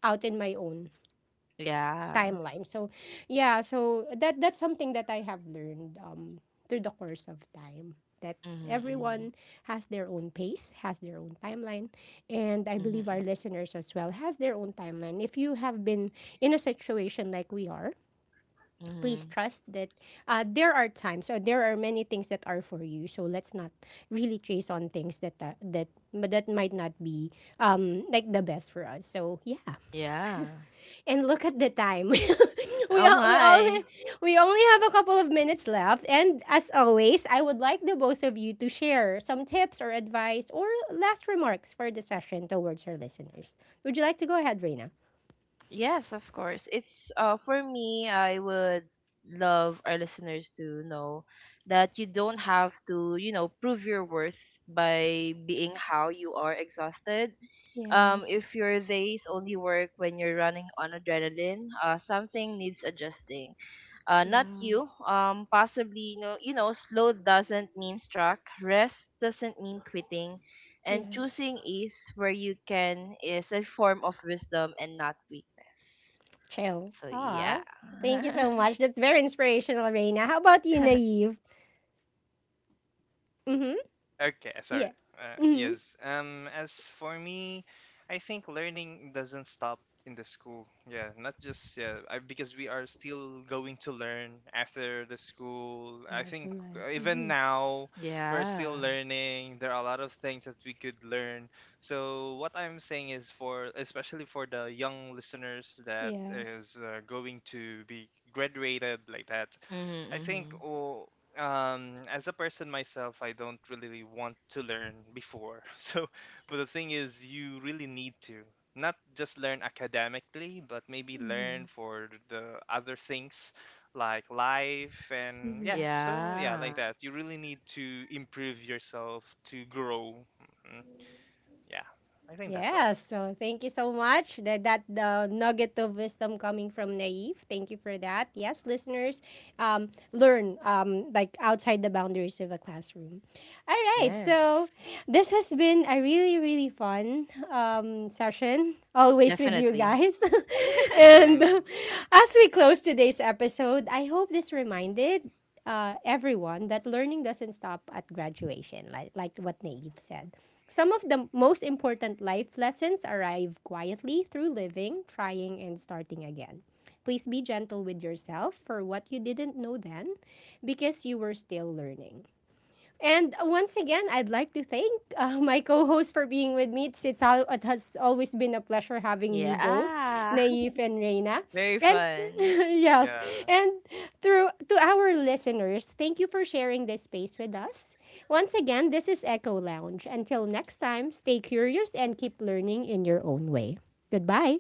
A: out in my own
B: Yeah.
A: timeline. So, yeah, so that's something that I have learned, through the course of time, that
B: Mhm.
A: everyone
B: Mhm.
A: has their own pace, has their own timeline, and I believe our
B: Mhm.
A: listeners as well has their own timeline. If you have been in a situation like we are, please
B: Mhm.
A: trust that, there are times, or there are many things that are for you. So let's not really chase on things that, that but that might not be, like the best for us. So yeah,
B: Yeah.
A: and look at the time.
B: Oh my.
A: We only have a couple of minutes left. And as always, I would like the both of you to share some tips or advice or last remarks for the session towards our listeners. Would you like to go ahead, Reina?
B: Yes, of course. It's, for me, I would love our listeners to know that you don't have to, you know, prove your worth by being how you are exhausted.
A: Yes.
B: If your days only work when you're running on adrenaline, something needs adjusting, not
A: Yeah.
B: you. Possibly, you know, slow doesn't mean struck. Rest doesn't mean quitting, and
A: Yes.
B: choosing is where you can is a form of wisdom and not weakness.
A: Chill.
B: So
A: Ah.
B: yeah.
A: Thank you so much. That's very inspirational, Reina. How about you, Naive? Mm-hmm.
C: Okay, sorry.
A: Yeah. Mm-hmm.
C: Yes. As for me, I think learning doesn't stop in the school. Yeah, not just, yeah, because we are still going to learn after the school. I
A: Yes. For
C: think,
A: life.
C: even
A: Mm-hmm.
C: now we're
B: Yeah.
C: still learning. There are a lot of things that we could learn. So what I'm saying is, for, especially for the young listeners, that
A: Yes.
C: is, going to be graduated, like that.
B: Mhm.
C: I think,
B: Mhm.
C: oh, as a person, myself, I don't really want to learn before. So, but the thing is, you really need to, not just learn academically, but maybe learn
A: Mm-hmm.
C: for the other things, like life, and, yeah,
A: Mm-hmm.
C: so, yeah,
B: Yeah.
C: like that, you really need to improve yourself, to grow. Hmm. Yeah. I think that's all.
A: Yes, so thank you so much. That the nugget of wisdom coming from Naive. Thank you for that. Yes, listeners, learn, like outside the boundaries of the classroom. All right.
B: Yes.
A: So this has been a really, really fun, session, always with you
B: Definitely.
A: guys. And
C: Hmm.
A: as we close today's episode, I hope this reminded, everyone that learning doesn't stop at graduation, like what Naive said. Some of the most important life lessons arrive quietly through living, trying, and starting again. Please be gentle with yourself for what you didn't know then, because you were still learning. And once again, I'd like to thank, my co-host for being with me. It has always been a pleasure having you both,
B: yeah.
A: Naif and Reina.
B: Very
A: And
B: fun.
A: yes,
C: Yeah.
A: and through to our listeners, thank you for sharing this space with us. Once again, this is Echo Lounge. Until next time, stay curious and keep learning in your own way. Goodbye.